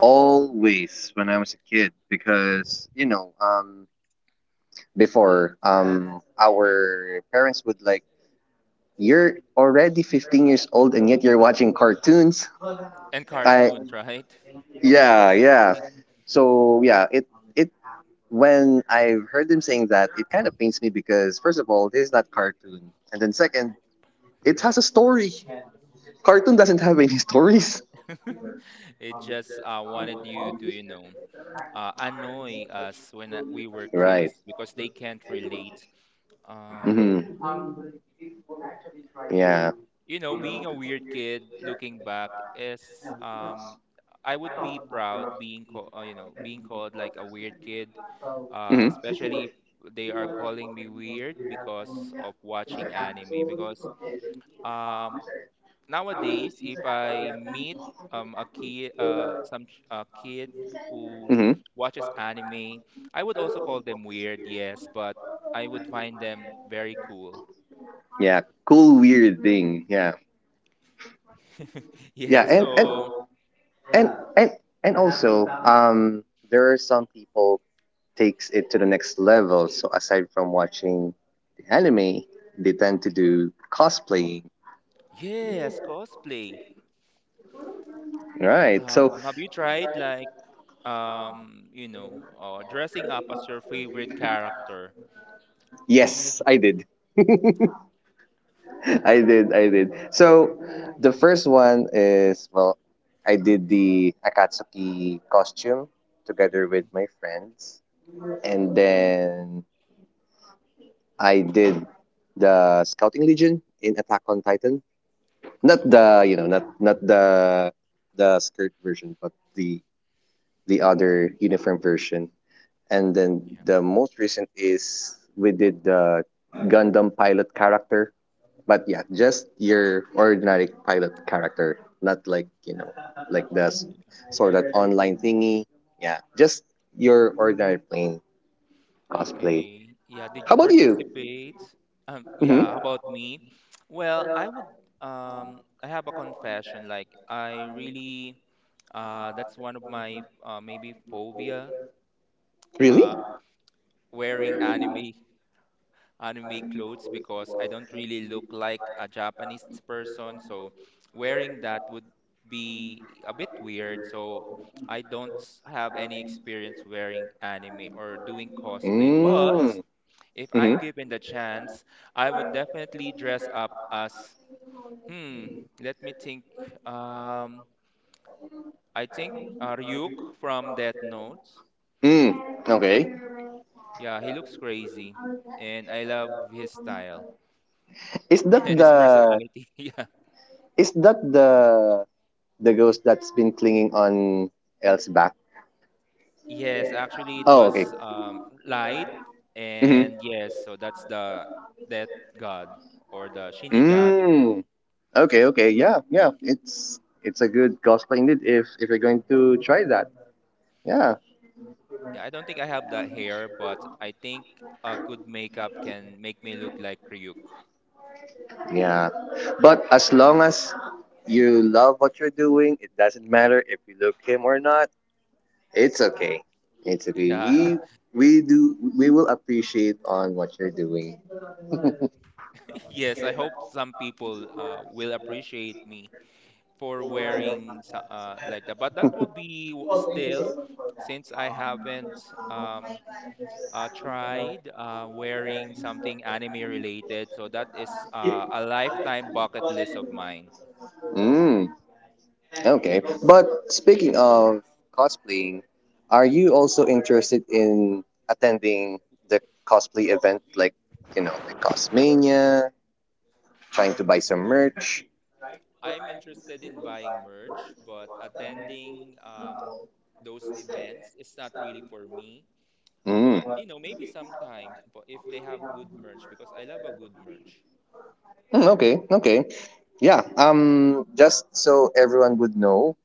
S2: Always when I was a kid, because before our parents would like, you're already 15 years old and yet you're watching cartoons.
S1: and
S2: I
S1: cartoons, right?
S2: Yeah, yeah, so yeah, it when I heard them saying that, it kind of pains me, because first of all, this is not cartoon, and then second, it has a story. Cartoon doesn't have any stories.
S1: It just wanted you to, you know. Annoy us when we were
S2: Right.
S1: kids because they can't relate.
S2: Mm-hmm.
S1: Um,
S2: Yeah.
S1: you know, being a weird kid looking back is, I would be proud being called, being called like a weird kid,
S2: Mm-hmm.
S1: especially if they are calling me weird because of watching anime because um, nowadays, if I meet a kid, a kid who
S2: Mm-hmm.
S1: watches anime, I would also call them weird, yes, but I would find them very cool.
S2: Yeah. Cool, weird thing. Yeah. Yeah.
S1: Yeah, so
S2: And and and also, there are some people takes it to the next level. So aside from watching the anime, they tend to do cosplaying.
S1: yes, cosplay.
S2: Right. So
S1: Have you tried like dressing up as your favorite character?
S2: yes, I did. I did, I did. So the first one is, well, I did the Akatsuki costume together with
S1: Hmm.
S2: my friends, and then I did the Scouting Legion in Attack on Titan. Not
S1: Okay.
S2: the, not the skirt version, but the other uniform version. And then
S1: Yeah.
S2: the most recent is, we did the Gundam pilot character. But yeah, just your ordinary pilot character, not like, like the sort of online thingy. Yeah, just your ordinary plain cosplay.
S1: Okay. Yeah, did you
S2: How about you?
S1: participate?
S2: Hmm.
S1: Yeah, how about me? Well, I would, I have a confession. Like I really, that's one of my maybe phobia,
S2: Really?
S1: uh wearing anime clothes because I don't really look like a Japanese person, so wearing that would be a bit weird. So I don't have any experience wearing anime or doing cosplay, but
S2: Mm.
S1: if
S2: Hmm.
S1: I'm given the chance, I would definitely dress up as, hmm, let me think. Um, I think Ryuk from Death Note.
S2: Mm. Okay.
S1: Yeah, he looks crazy, and I love his style
S2: Is that
S1: and his
S2: the
S1: personality. Yeah.
S2: is that the ghost that's been clinging on Elle's back?
S1: Yes, actually, it
S2: Oh, okay.
S1: was, light, and
S2: Mm-hmm.
S1: yes, so that's the Death God or the Shinigami.
S2: Mm. Okay, okay, yeah, yeah. It's a good gospel indeed, if you're going to try that. Yeah,
S1: Yeah, I don't think I have that hair, but I think a good makeup can make me look like Ryuk.
S2: yeah. But as long as you love what you're doing, it doesn't matter if you look him or not. It's okay. It's okay.
S1: Yeah.
S2: We we do we will appreciate on what you're doing.
S1: Yes, I hope some people will appreciate me for wearing like that. But that would be still, since I haven't, um, tried wearing something anime related. So that is a lifetime bucket list of mine.
S2: Mm, okay. But speaking of cosplaying, are you also interested in attending the cosplay event, like, like Cosmania, trying to buy some
S1: Um,
S2: merch?
S1: I'm interested in buying merch, but attending those events is not really for me.
S2: Mm.
S1: But you know, maybe sometimes, but if they have good merch, because I love a good merch.
S2: Mm, okay, okay. Yeah, just so everyone would know,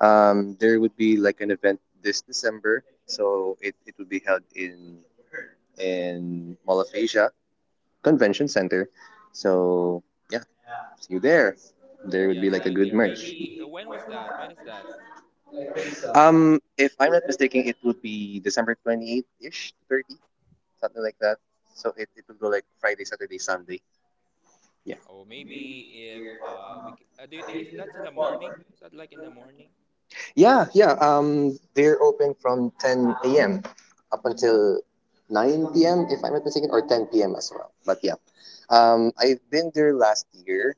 S2: there would be like an event this December. So it would be held in Mall of Asia convention center. So yeah, see you there. There would be
S1: Yeah,
S2: like
S1: see
S2: a
S1: you
S2: good
S1: there.
S2: merch.
S1: Maybe when was that? When is that?
S2: If I'm not mistaken, it would be December 28th ish to 30, something like that. So it would go like Friday, Saturday, Sunday. Yeah.
S1: Oh, maybe if do you think is that's in the morning? Is that like in the morning?
S2: Yeah, yeah. They're open from 10 a.m. up until 9 p.m., if I'm not mistaken, or 10 p.m. as well. But yeah, I've been there last year.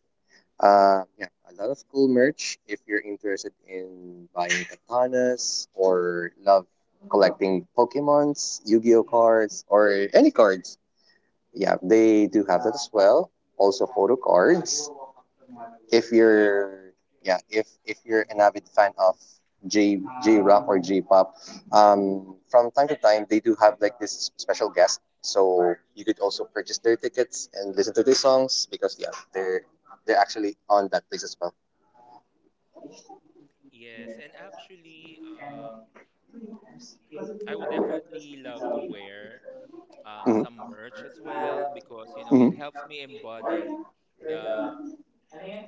S2: Yeah, a lot of cool merch if you're interested in buying katanas or love collecting Pokemons, Yu Gi Oh cards, or any cards. Yeah, they do have that as well. Also, photo cards. If
S1: Yeah, I would.
S2: you're Yeah, if you're an
S1: Mhm.
S2: avid fan of J rock or J pop, from time to time they do have like this special guest, so you could also purchase their tickets and listen to their songs, because yeah, they're actually on that place as well.
S1: Yes, and actually, I would definitely love to wear some merch as well because you know it helps me embody the,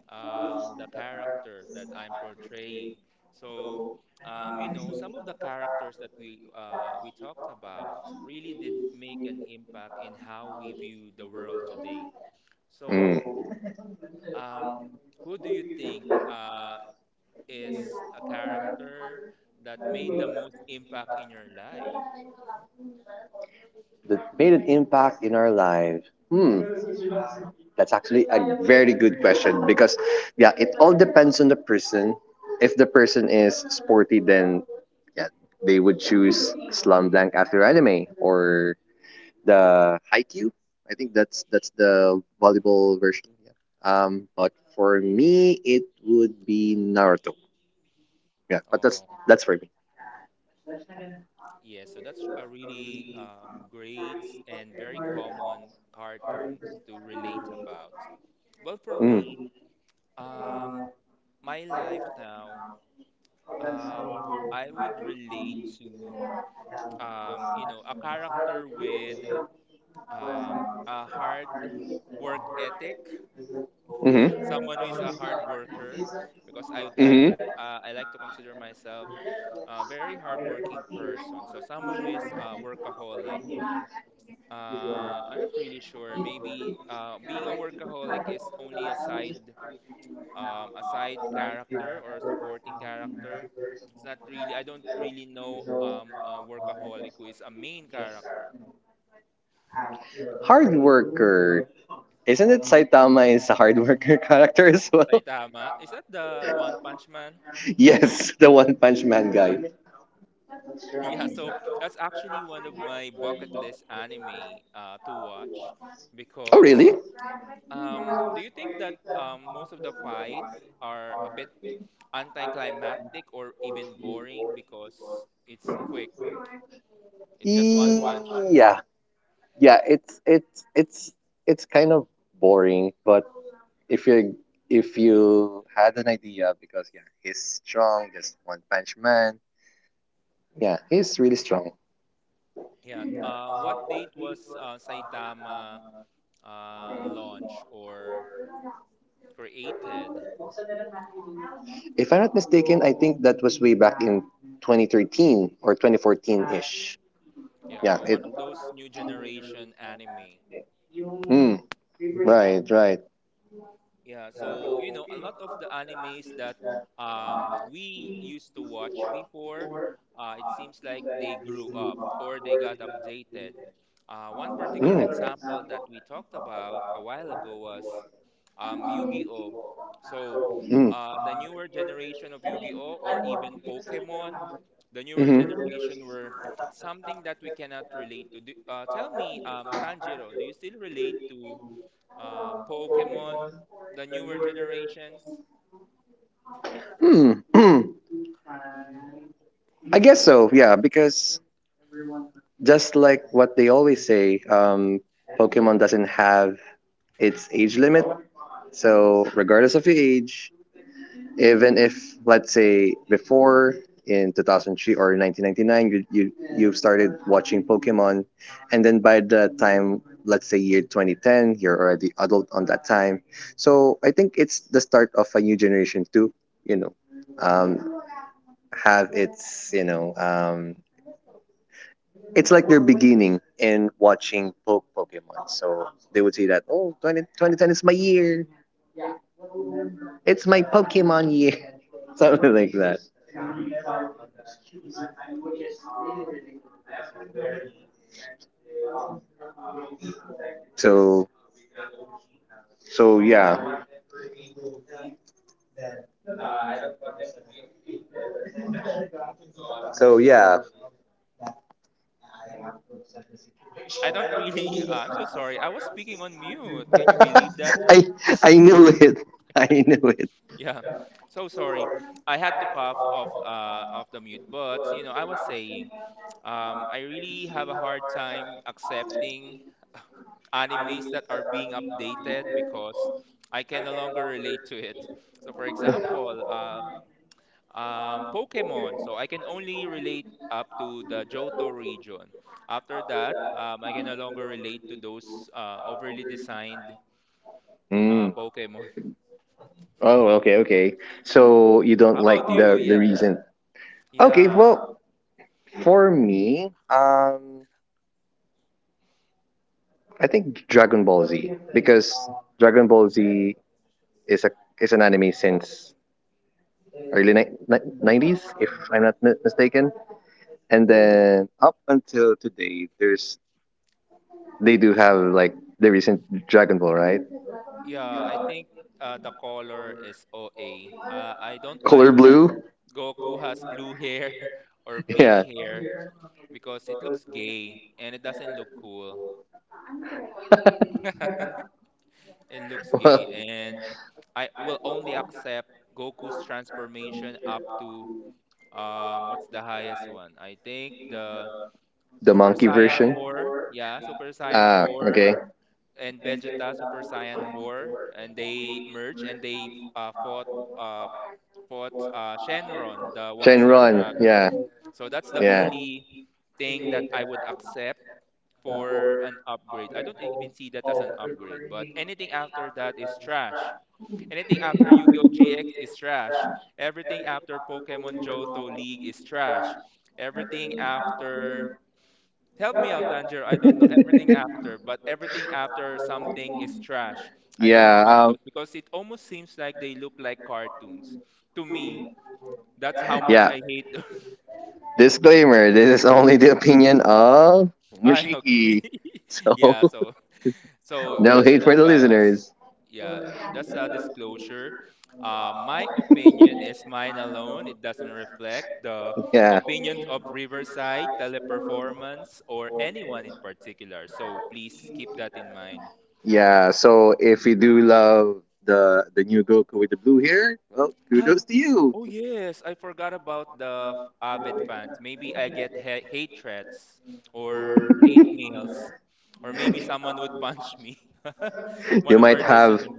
S1: the character that I'm portraying. So, some of the characters that we talked about really did make an impact in how we view the world today. So,
S2: Mm.
S1: um, who do you think is a character that made the most impact in your life?
S2: That made an impact in our lives. Hmm. That's actually a very good question, because yeah, it all depends on the person. If the person is sporty, then yeah, they would choose Slam Dunk after anime or the Haikyuu. I think that's the volleyball version. Yeah. But for me, it would be Naruto. Yeah, but that's
S1: Oh,
S2: that's for me.
S1: yeah, so that's a really great and very common cartoons to relate about. Well, for
S2: Mm.
S1: me, um, my life now, um, I would relate to, a character with a hard work ethic,
S2: Mm-hmm.
S1: someone who is a hard worker, because I would like,
S2: Mm-hmm.
S1: I like to consider myself a very hardworking person. So someone who is a workaholic. I'm not really sure. Maybe being a workaholic is only a side, a side character or a supporting character. It's not really, I don't really know a workaholic who is a main character.
S2: Hard worker. Isn't it Saitama is a hard worker character as well?
S1: Saitama, is that the One Punch Man?
S2: Yes, the One Punch Man guy.
S1: Yeah, so that's actually one of my bucket list anime to watch
S2: Oh,
S1: because
S2: really?
S1: do you think that most of the fight are a bit anticlimactic or even boring because it's quick? It's
S2: E,
S1: just one punch.
S2: Yeah, yeah. It's kind of boring, but if you if you had an idea, because yeah, he's strong, just one punch man. Yeah, he's really strong.
S1: Yeah. What date was Saitama launched or created?
S2: If I'm not mistaken, I think that was way back in 2013 or 2014 ish.
S1: Yeah.
S2: Yeah,
S1: So
S2: it.
S1: one of those new generation anime.
S2: Mm, right, right.
S1: Yeah. So you know, a lot of the animes that we used to watch before, it seems like they grew up or they got updated. One particular
S2: Mm.
S1: example that we talked about a while ago was, Yu-Gi-Oh. So
S2: Mm.
S1: the newer generation of Yu-Gi-Oh or even Pokemon, the newer
S2: Hmm.
S1: generation were something that we cannot relate to. Tell me, Tanjiro, do you still relate
S2: do
S1: to Pokemon, the newer generations?
S2: do Hmm. I guess so. Yeah, because just like what they always say, Pokemon doesn't have its age limit. So, regardless of your age, even if let's say before in 2003 or 1999 you started watching pokemon and then by the time let's say year 2010 you're already adult on that time so I think it's the start of a new generation to you know um, have its it's like they're beginning and watching Pokemon. So they would say that, oh, twenty twenty ten is my year. It's my Pokemon year. Something like that. So, so yeah. So yeah.
S1: I don't really. I'm so sorry. I was speaking on mute. Can you believe that?
S2: I I knew it. I knew it.
S1: Yeah, so sorry. I had to cough off the mute, but you know, I was saying, I really have a hard time accepting animes that are being updated because I can no longer relate to it. So, for example, Pokemon. So, I can only relate up to the Johto region. After that, I can no longer relate to those overly designed
S2: Mm.
S1: Pokemon.
S2: Oh, okay, okay. So you don't
S1: How about
S2: like
S1: you?
S2: the
S1: Yes.
S2: reason. Okay,
S1: Yeah.
S2: well, for me, I think Dragon Ball Z because Dragon Ball Z is a is an anime since early ni nineties, if I'm not mistaken. And then up until today, there's they do have like the recent Dragon Ball, right?
S1: Yeah. I think the color is OA. I don't
S2: Color
S1: like that
S2: blue?
S1: Goku has blue hair or pink
S2: Yeah.
S1: hair, because it looks gay and it doesn't look cool. It looks gay,
S2: well,
S1: and I will only accept Goku's transformation up to what's the highest one? I think the
S2: the
S1: Super
S2: monkey
S1: Saiyan
S2: version?
S1: 4. Yeah, Super Saiyan
S2: Ah,
S1: 4
S2: okay.
S1: and Vegeta Super Saiyan 4 and they merge and they uh, fought uh fought Shenron, the One Star
S2: Shenron,
S1: Dragon.
S2: yeah,
S1: So that's the
S2: yeah.
S1: only thing that I would accept for an upgrade. I don't even see that as an upgrade, but anything after that is trash. Anything after Yu-Gi-Oh! GX is trash. Everything after Pokemon Johto League is trash. Everything after. Help me out, Tanjiro. I don't know everything after, but everything after something is trash. I don't
S2: yeah,
S1: want those
S2: um,
S1: because it almost seems like they look like cartoons. To me, that's how much
S2: yeah.
S1: I hate those.
S2: Disclaimer, this is only the opinion of
S1: Ah, okay.
S2: Mushiki. So,
S1: Yeah, so.
S2: no
S1: Just
S2: hate
S1: an
S2: for the
S1: advice.
S2: listeners.
S1: Yeah, that's a disclosure. My opinion is mine alone. It doesn't reflect the
S2: yeah.
S1: opinions of Riverside, Teleperformance, or anyone in particular. So please keep that in mind.
S2: Yeah. So if you do love the new Goku with the blue hair, well,
S1: Oh,
S2: kudos to you.
S1: oh yes, I forgot about the Abet fans. Maybe I get ha hate threats or hate mails, or maybe someone would punch me. One
S2: You
S1: of
S2: might
S1: our
S2: have
S1: listeners.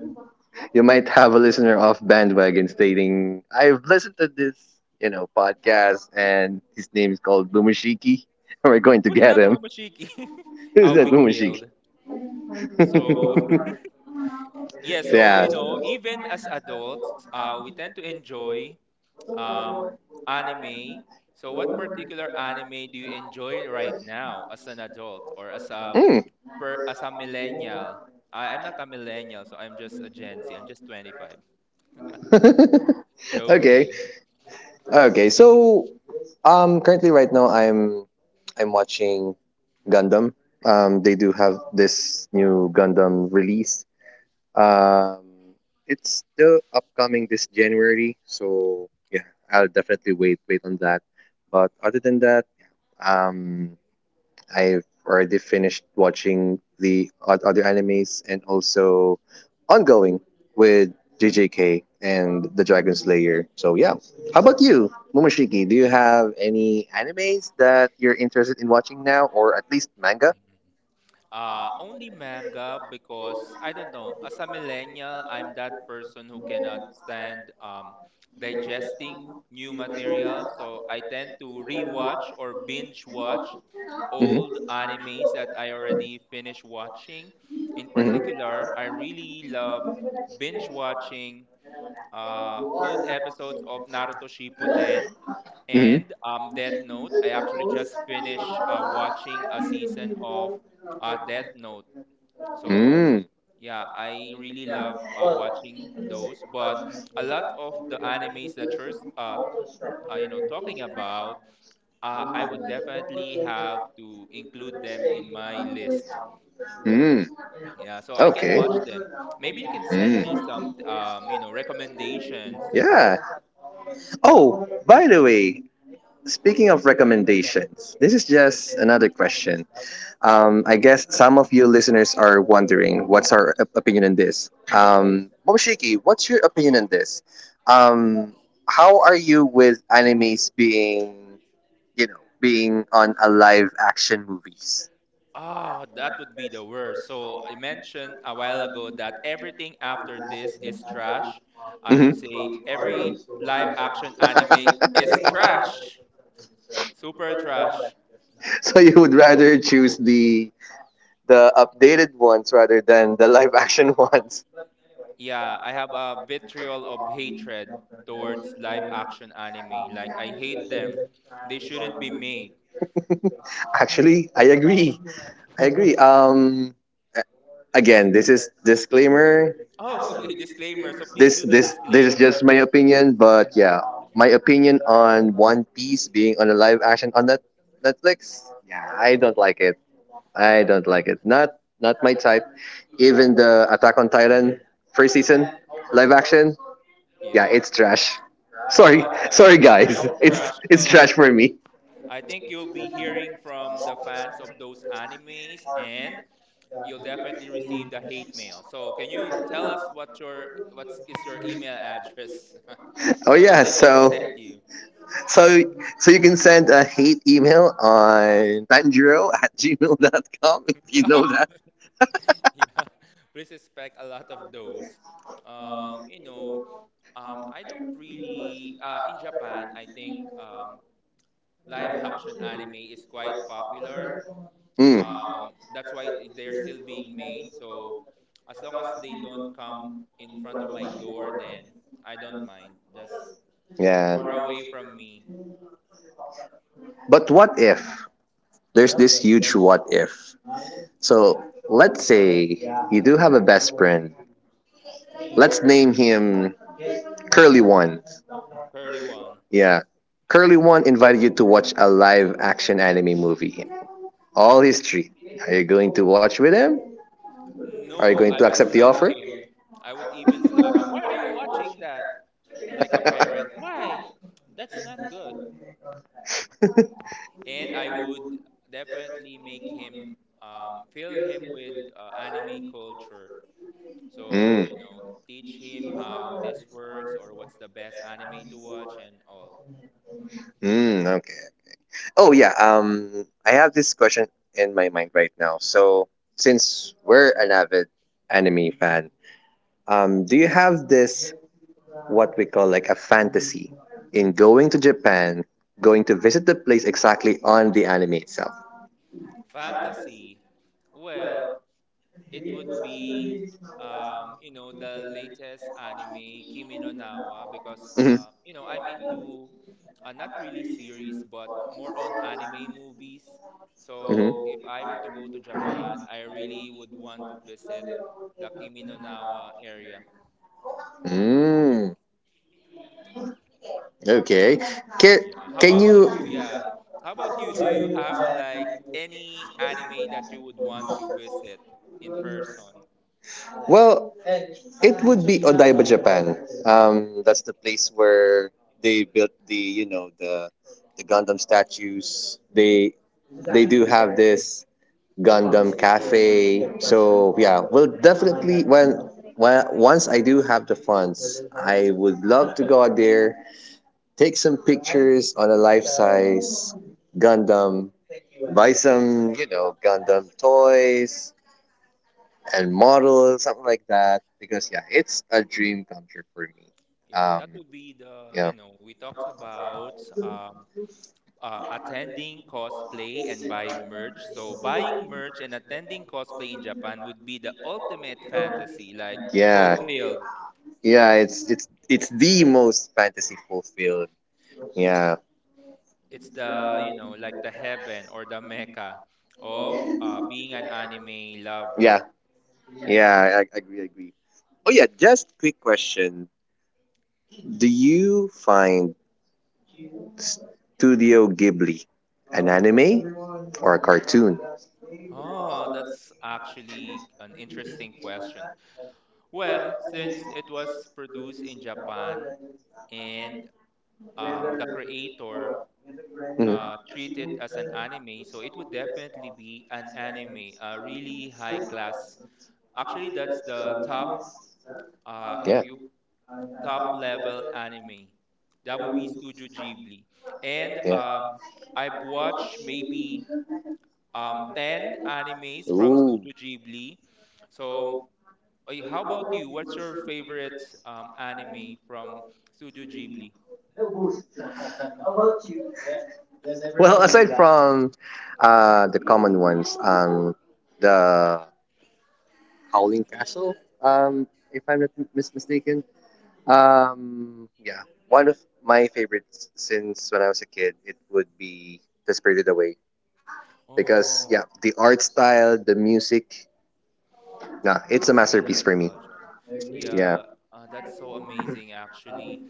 S2: you might have a listener off bandwagon stating, I've listened to this, you know, podcast and his name is called Bumashiki and we're going to
S1: Who's
S2: get
S1: that,
S2: him.
S1: Womashiki?
S2: Is
S1: I'll
S2: that
S1: be
S2: Bumashiki?
S1: killed. So.
S2: so
S1: Yeah, so
S2: yeah.
S1: you know, even as adults, we tend to enjoy, um, anime. So what particular anime do you enjoy right now as an adult or
S2: Mm.
S1: as a millennial? I'm not a millennial, so I'm just a Gen Z. I'm just 25.
S2: okay.
S1: Joking.
S2: Okay. So currently, right now, I'm watching Gundam. They do have this new Gundam release. Um, it's still upcoming this January, so yeah, I'll definitely wait on that. But other than that, um, I've already finished watching the other animes and also ongoing with JJK and the Dragon Slayer. So yeah. How about you, Momoshiki? Do you have any animes that you're interested in watching now or at least manga?
S1: Only manga because I don't know. As a millennial, I'm that person who cannot stand, digesting new material. So I tend to rewatch or binge watch old
S2: Mhm.
S1: animes that I already finished watching. In
S2: Mhm.
S1: particular, I really love binge watching old episodes of Naruto Shippuden
S2: Mhm.
S1: and, Death Note. I actually just finished watching a season of Death Note. So
S2: Mm.
S1: yeah, I really love watching those. But a lot of the animes that you're uh, you know talking about, I would definitely have to include them in my list.
S2: Mm.
S1: Yeah, so I can
S2: Okay.
S1: watch them. Maybe you can send me some,
S2: Mm.
S1: you know recommendations.
S2: Yeah. Oh, by the way, speaking of recommendations, this is just another question. I guess some of you listeners are wondering what's our opinion on this. Momoshiki, what's your opinion on this? Um, how are you with animes being, you know, being on a live action movies?
S1: Oh, that would be the worst. So I mentioned a while ago that everything after this is trash. I would
S2: Hmm.
S1: say every live action anime is trash. Super trash.
S2: So you would rather choose the updated ones rather than the live action ones.
S1: Yeah, I have a vitriol of hatred towards live action anime. Like, I hate them. They shouldn't be made.
S2: Actually, I agree. I agree. Again, this is disclaimer.
S1: Oh, okay, disclaimer. So please
S2: This
S1: do the
S2: this this is
S1: disclaimer.
S2: just my opinion, but yeah, my opinion on One Piece being on a live action on Netflix. Yeah, I don't like it. I don't like it. Not my type. Even the Attack on Titan first season live action. Yeah,
S1: Yeah,
S2: it's trash. Sorry,
S1: but I,
S2: sorry guys. It's
S1: trash.
S2: it's trash for me.
S1: I think you'll be hearing from the fans of those animes, and you'll definitely receive the hate mail. So can you tell us what is your email address
S2: Oh
S1: so that
S2: yeah,
S1: they can send you?
S2: so so you can send a hate email on banjiro@gmail.com if you know that.
S1: Yeah, please expect a lot of those. You know, I don't really, in Japan. I think, live action anime is quite popular.
S2: Mm.
S1: That's why they're still being made. So as long as they don't come in front of my door, then I don't mind. Just
S2: Yeah.
S1: far away from me.
S2: But what if? There's this huge what if. So
S1: Mm,
S2: let's say you do have a best friend.
S1: mm.
S2: Let's name him Curly One.
S1: Curly one.
S2: Yeah. Curly One invited you to watch a live action anime movie. All history. Are you going to watch with him? Are you
S1: No,
S2: going
S1: I
S2: to
S1: would
S2: accept the
S1: slap
S2: offer?
S1: him. I would even slap him. Why are you watching that? Like a parent. Why? That's not good. And I would definitely make him, fill him with anime culture. So,
S2: Mm.
S1: you know, teach him how this works or what's the best anime to watch and all.
S2: Mm, okay. Oh yeah. I have this question in my mind right now. So since we're an avid anime fan, do you have this, what we call like a fantasy in going to Japan, going to visit the place exactly on the anime itself?
S1: Fantasy. Well, it would be, you know the latest anime Kimi no Nawa because
S2: Hmm.
S1: you know I'm into not really series but more on anime movies.
S2: Hmm.
S1: So if I were to go to Japan, I really would want to visit the Kimi no Nawa area.
S2: Mm, okay. Can,
S1: Yeah. How
S2: can
S1: about you?
S2: you?
S1: Yeah. How about you? Do you have like any anime that you would want to visit in person?
S2: Well, it would be Odaiba, Japan. That's the place where they built the, you know, the Gundam statues. They do have this Gundam cafe. So yeah, we'll definitely when once I do have the funds, I would love to go out there take some pictures on a life-size Gundam, buy some, you know, Gundam toys and models, something like that. Because yeah, it's a dream come true for me.
S1: Yeah, that
S2: Um,
S1: would be the,
S2: yeah.
S1: you know, we talked about, attending cosplay and buying merch. So buying merch and attending cosplay in Japan would be the ultimate fantasy, like
S2: Yeah.
S1: fulfilled.
S2: Yeah, it's it's the most fantasy fulfilled. Yeah.
S1: It's the, you know, like the heaven or the mecca of, being an anime lover.
S2: Yeah. Yeah, I agree, agree. Oh yeah, just quick question. Do you find Studio Ghibli an anime or a cartoon?
S1: Oh, that's actually an interesting question. Well, since it was produced in Japan and, the creator
S2: Mhm.
S1: treat it as an anime, so it would definitely be an anime, a really high class. Actually, that's the top, if
S2: Yeah,
S1: you top level anime, that would be Studio Ghibli. And,
S2: yeah.
S1: I've watched maybe, 10 animes from
S2: Ooh.
S1: Studio Ghibli. So, how about you? What's your favorite, anime from Studio Ghibli?
S2: Well, aside from the common ones, the Howling Castle, um, if I'm not mistaken. Yeah, one of my favorites since when I was a kid, it would be The Spirited Away because
S1: Oh,
S2: yeah, the art style, the music, nah, it's a
S1: it's the
S2: masterpiece for me.
S1: nostalgia.
S2: Yeah.
S1: Yeah, that's so amazing, actually.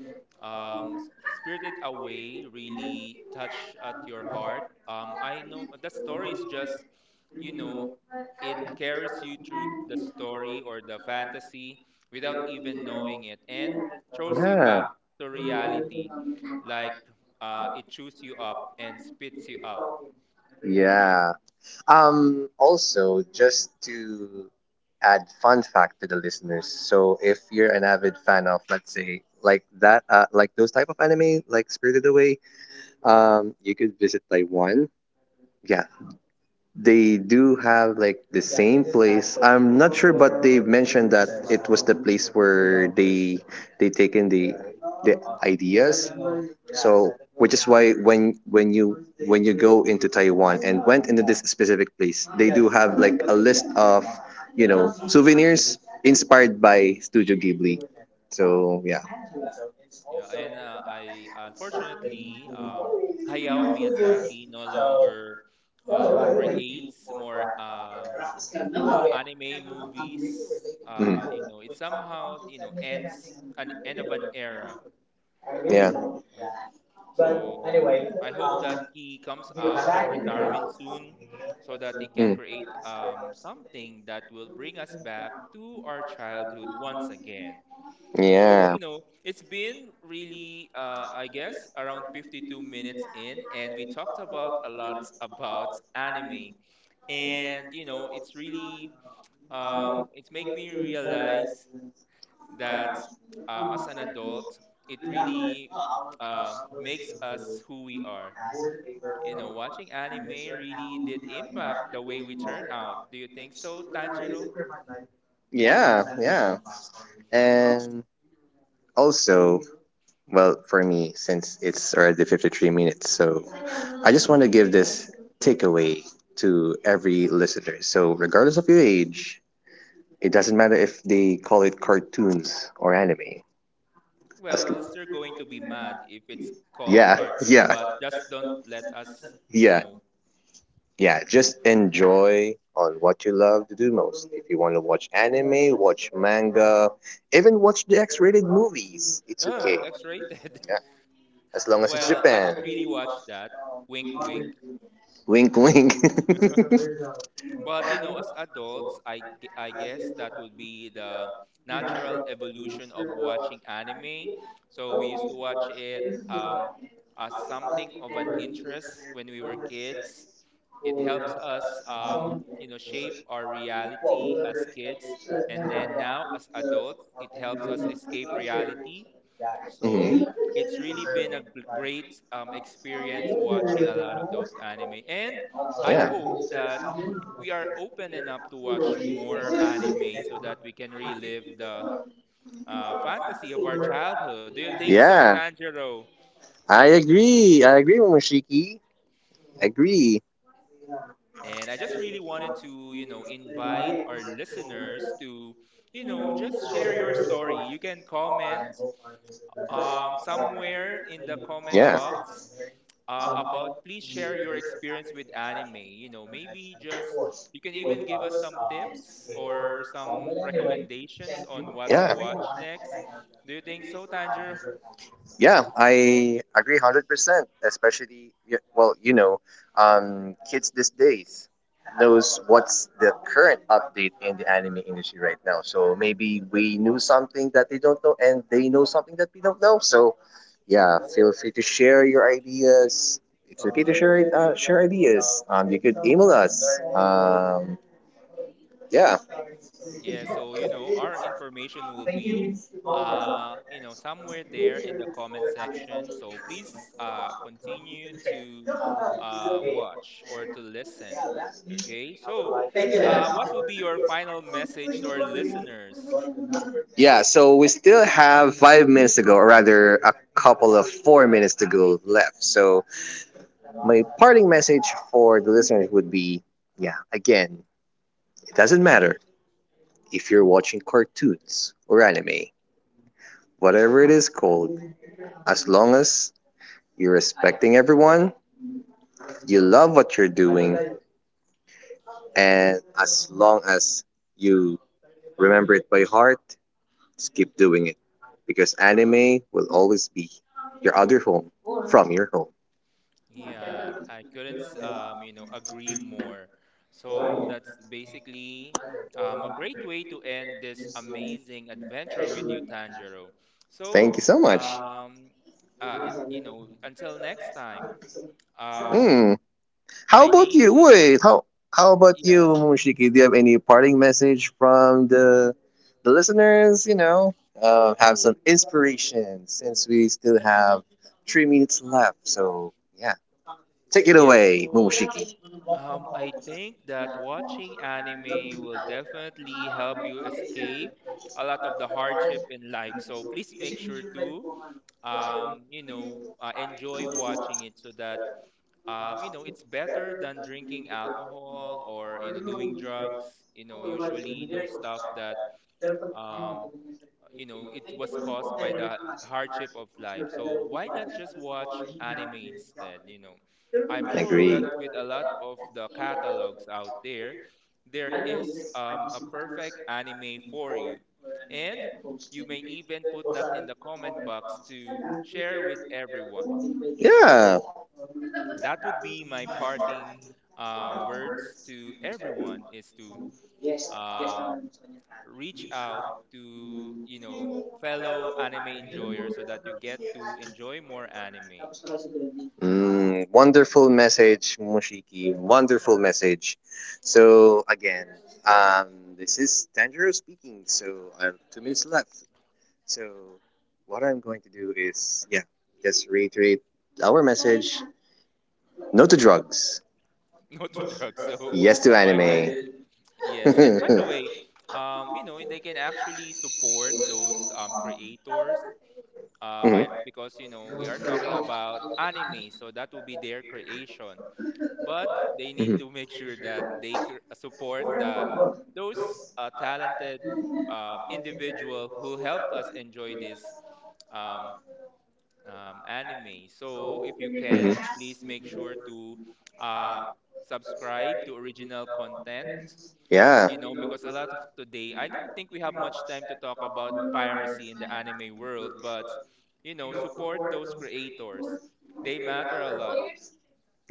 S1: Um, S- Spirited Away really touched at your heart. I know that story is just, you know, it carries you through the story or the fantasy without even knowing it and throws you back
S2: Yeah.
S1: to reality. Like, it chews you up and spits you out.
S2: Yeah. Also, just to add fun fact to the listeners. So if you're an avid fan of, let's say, like that, like those type of anime, like Spirited Away, you could visit Taiwan. Yeah, they do have like the same place. I'm not sure, but they mentioned that it was the place where they taken the ideas so which is why when you go into Taiwan and went into this specific place, they do have like a list of you know souvenirs inspired by
S1: Mm-hmm.
S2: Studio Ghibli. So yeah.
S1: Yeah, and I, unfortunately, Hayao Miyazaki no longer, creates more, anime movies.
S2: Mm.
S1: You know, it somehow you know ends an end of an era,
S2: Yeah.
S1: right? So I hope that he comes out of retirement soon, so that he can
S2: Mm.
S1: create, something that will bring us back to our childhood once again. So,
S2: Yeah.
S1: you know, it's been really, I guess, around 52 minutes in, and we talked about a lot about anime. And, you know, it's really, it's make me realize that, as an adult, it really makes us who we are. You know, watching anime really did impact the way we turn out. Do you think so, Tanjiro?
S2: Yeah, yeah. And also, well, for me, since it's already 53 minutes, so I just want to give this takeaway to every listener. So, regardless of your age, it doesn't matter if they call it cartoons or anime. As,
S1: Well, we're still going to be mad if it's called
S2: yeah,
S1: cartoons,
S2: yeah,
S1: but just don't let us
S2: yeah.
S1: know.
S2: Yeah, just enjoy on what you love to do most. If you want to watch anime, watch manga, even watch the X-rated movies, it's
S1: Oh,
S2: okay.
S1: X-rated.
S2: Yeah, as long as it's
S1: Well, I
S2: Japan.
S1: don't really watch that. Wink, wink.
S2: Wink, wink.
S1: But you know, as adults, I guess that would be the natural evolution of watching anime. So we used to watch it, um, as something of an interest when we were kids. It helps us, you know, shape our reality as kids, and then now as adults, it helps us escape reality. So
S2: Mhm.
S1: it's really been a great, experience watching a lot of those anime, and I
S2: Yeah.
S1: hope that we are open enough to watch more anime so that we can relive the, fantasy of our childhood. Do you think so,
S2: Yeah,
S1: Tanjiro?
S2: I agree. I agree, Momoshiki. Agree.
S1: And I just really wanted to, you know, invite our listeners to, you know, just share your story. You can comment, somewhere in the comment
S2: Yeah.
S1: box, about please share your experience with anime. You know, maybe just you can even give us some tips or some recommendations on what to
S2: Yeah.
S1: watch next. Do you think so, Tanjiro?
S2: Yeah, I agree 100%, especially, well, you know, kids these days knows what's the current update in the anime industry right now. So maybe we knew something that they don't know and they know something that we don't know. So yeah, feel free to share your ideas. It's okay to share it, share ideas. You could email us. Yeah.
S1: Yeah, so you know, our information will be, you know, somewhere there in the comment section. So please continue to watch or to listen. Okay? So, what would be your final message to our listeners?
S2: Yeah, so we still have 5 minutes to go, or rather, a couple of 4 minutes to go left. So, my parting message for the listeners would be yeah, again, it doesn't matter if you're watching cartoons or anime, whatever it is called, as long as you're respecting everyone, you love what you're doing, and as long as you remember it by heart, just keep doing it because anime will always be your other home from your home.
S1: Yeah, I couldn't, you know, agree more. So that's basically, a great way to end this amazing adventure with you, Tanjiro. So,
S2: Thank you so much.
S1: um, it, you know, until next time. Um,
S2: Mm. How
S1: my
S2: about
S1: name
S2: you?
S1: is,
S2: Wait, how about you,
S1: yes,
S2: Mushiki? Do you have any parting message from the listeners? You know, have some inspiration since we still have 3 minutes left. So yeah, take it
S1: yes.
S2: away,
S1: So,
S2: Momoshiki.
S1: I think that watching anime will definitely help you escape a lot of the hardship in life. So please make sure to. You know, enjoy watching it so that, you know, it's better than drinking alcohol or, you know, doing drugs, you know, usually those stuff that, um, you know, it was caused by the hardship of life. So why not just watch anime instead, you know? I'm sure
S2: Agree.
S1: that with a lot of the catalogs out there, there is, a perfect anime for you. And you may even put that in the comment box to share with everyone. So
S2: Yeah.
S1: that would be my parting words to everyone is to, um, reach out to, you know, fellow anime enjoyers so that you get to enjoy more anime.
S2: Mm, wonderful message, Mushiki. Wonderful message. So again, this is Tanjiro speaking. So I have 2 minutes left. So what I'm going to do is, yeah, just reiterate our message: no to drugs,
S1: Not to drugs. So
S2: yes to
S1: why did.
S2: anime.
S1: Yes. And by the way, you know, they can actually support those creators
S2: Mhm.
S1: by because you know, we are talking about anime, so that will be their creation. But they need
S2: Mhm.
S1: to make sure that they support the those talented, individual who help us enjoy this, um, anime. So if you can,
S2: Mhm.
S1: please make sure to, uh, subscribe to original content.
S2: Yeah.
S1: You know, because a lot of today, I don't think we have much time to talk about piracy in the anime world, but you know, support those creators. They matter a lot.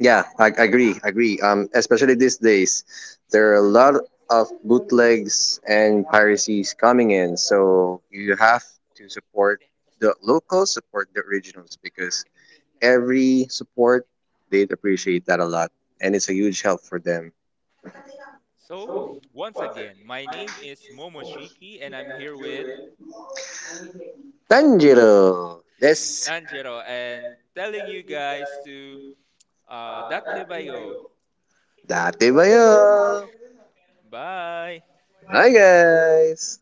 S2: Yeah, I agree, I agree. Especially these days, there are a lot of bootlegs and piracies coming in, so you have to support the locals, support the originals because every support they'd appreciate that a lot, and it's a huge help for them.
S1: So, once again, my name is Momoshiki, and I'm here with
S2: Tanjiro, this
S1: Tanjiro, and telling you guys to, datte bayo.
S2: dati ba yun?
S1: Bye.
S2: Hi guys.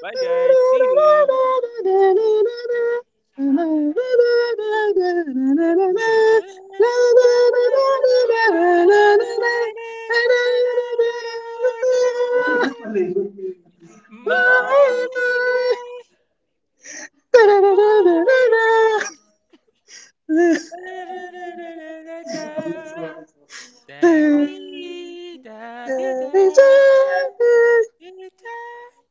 S1: Bye, guys. See you. Moikei, moikei. Da-dee,
S2: There
S1: da-dee,
S2: is
S1: da, da-dee, da.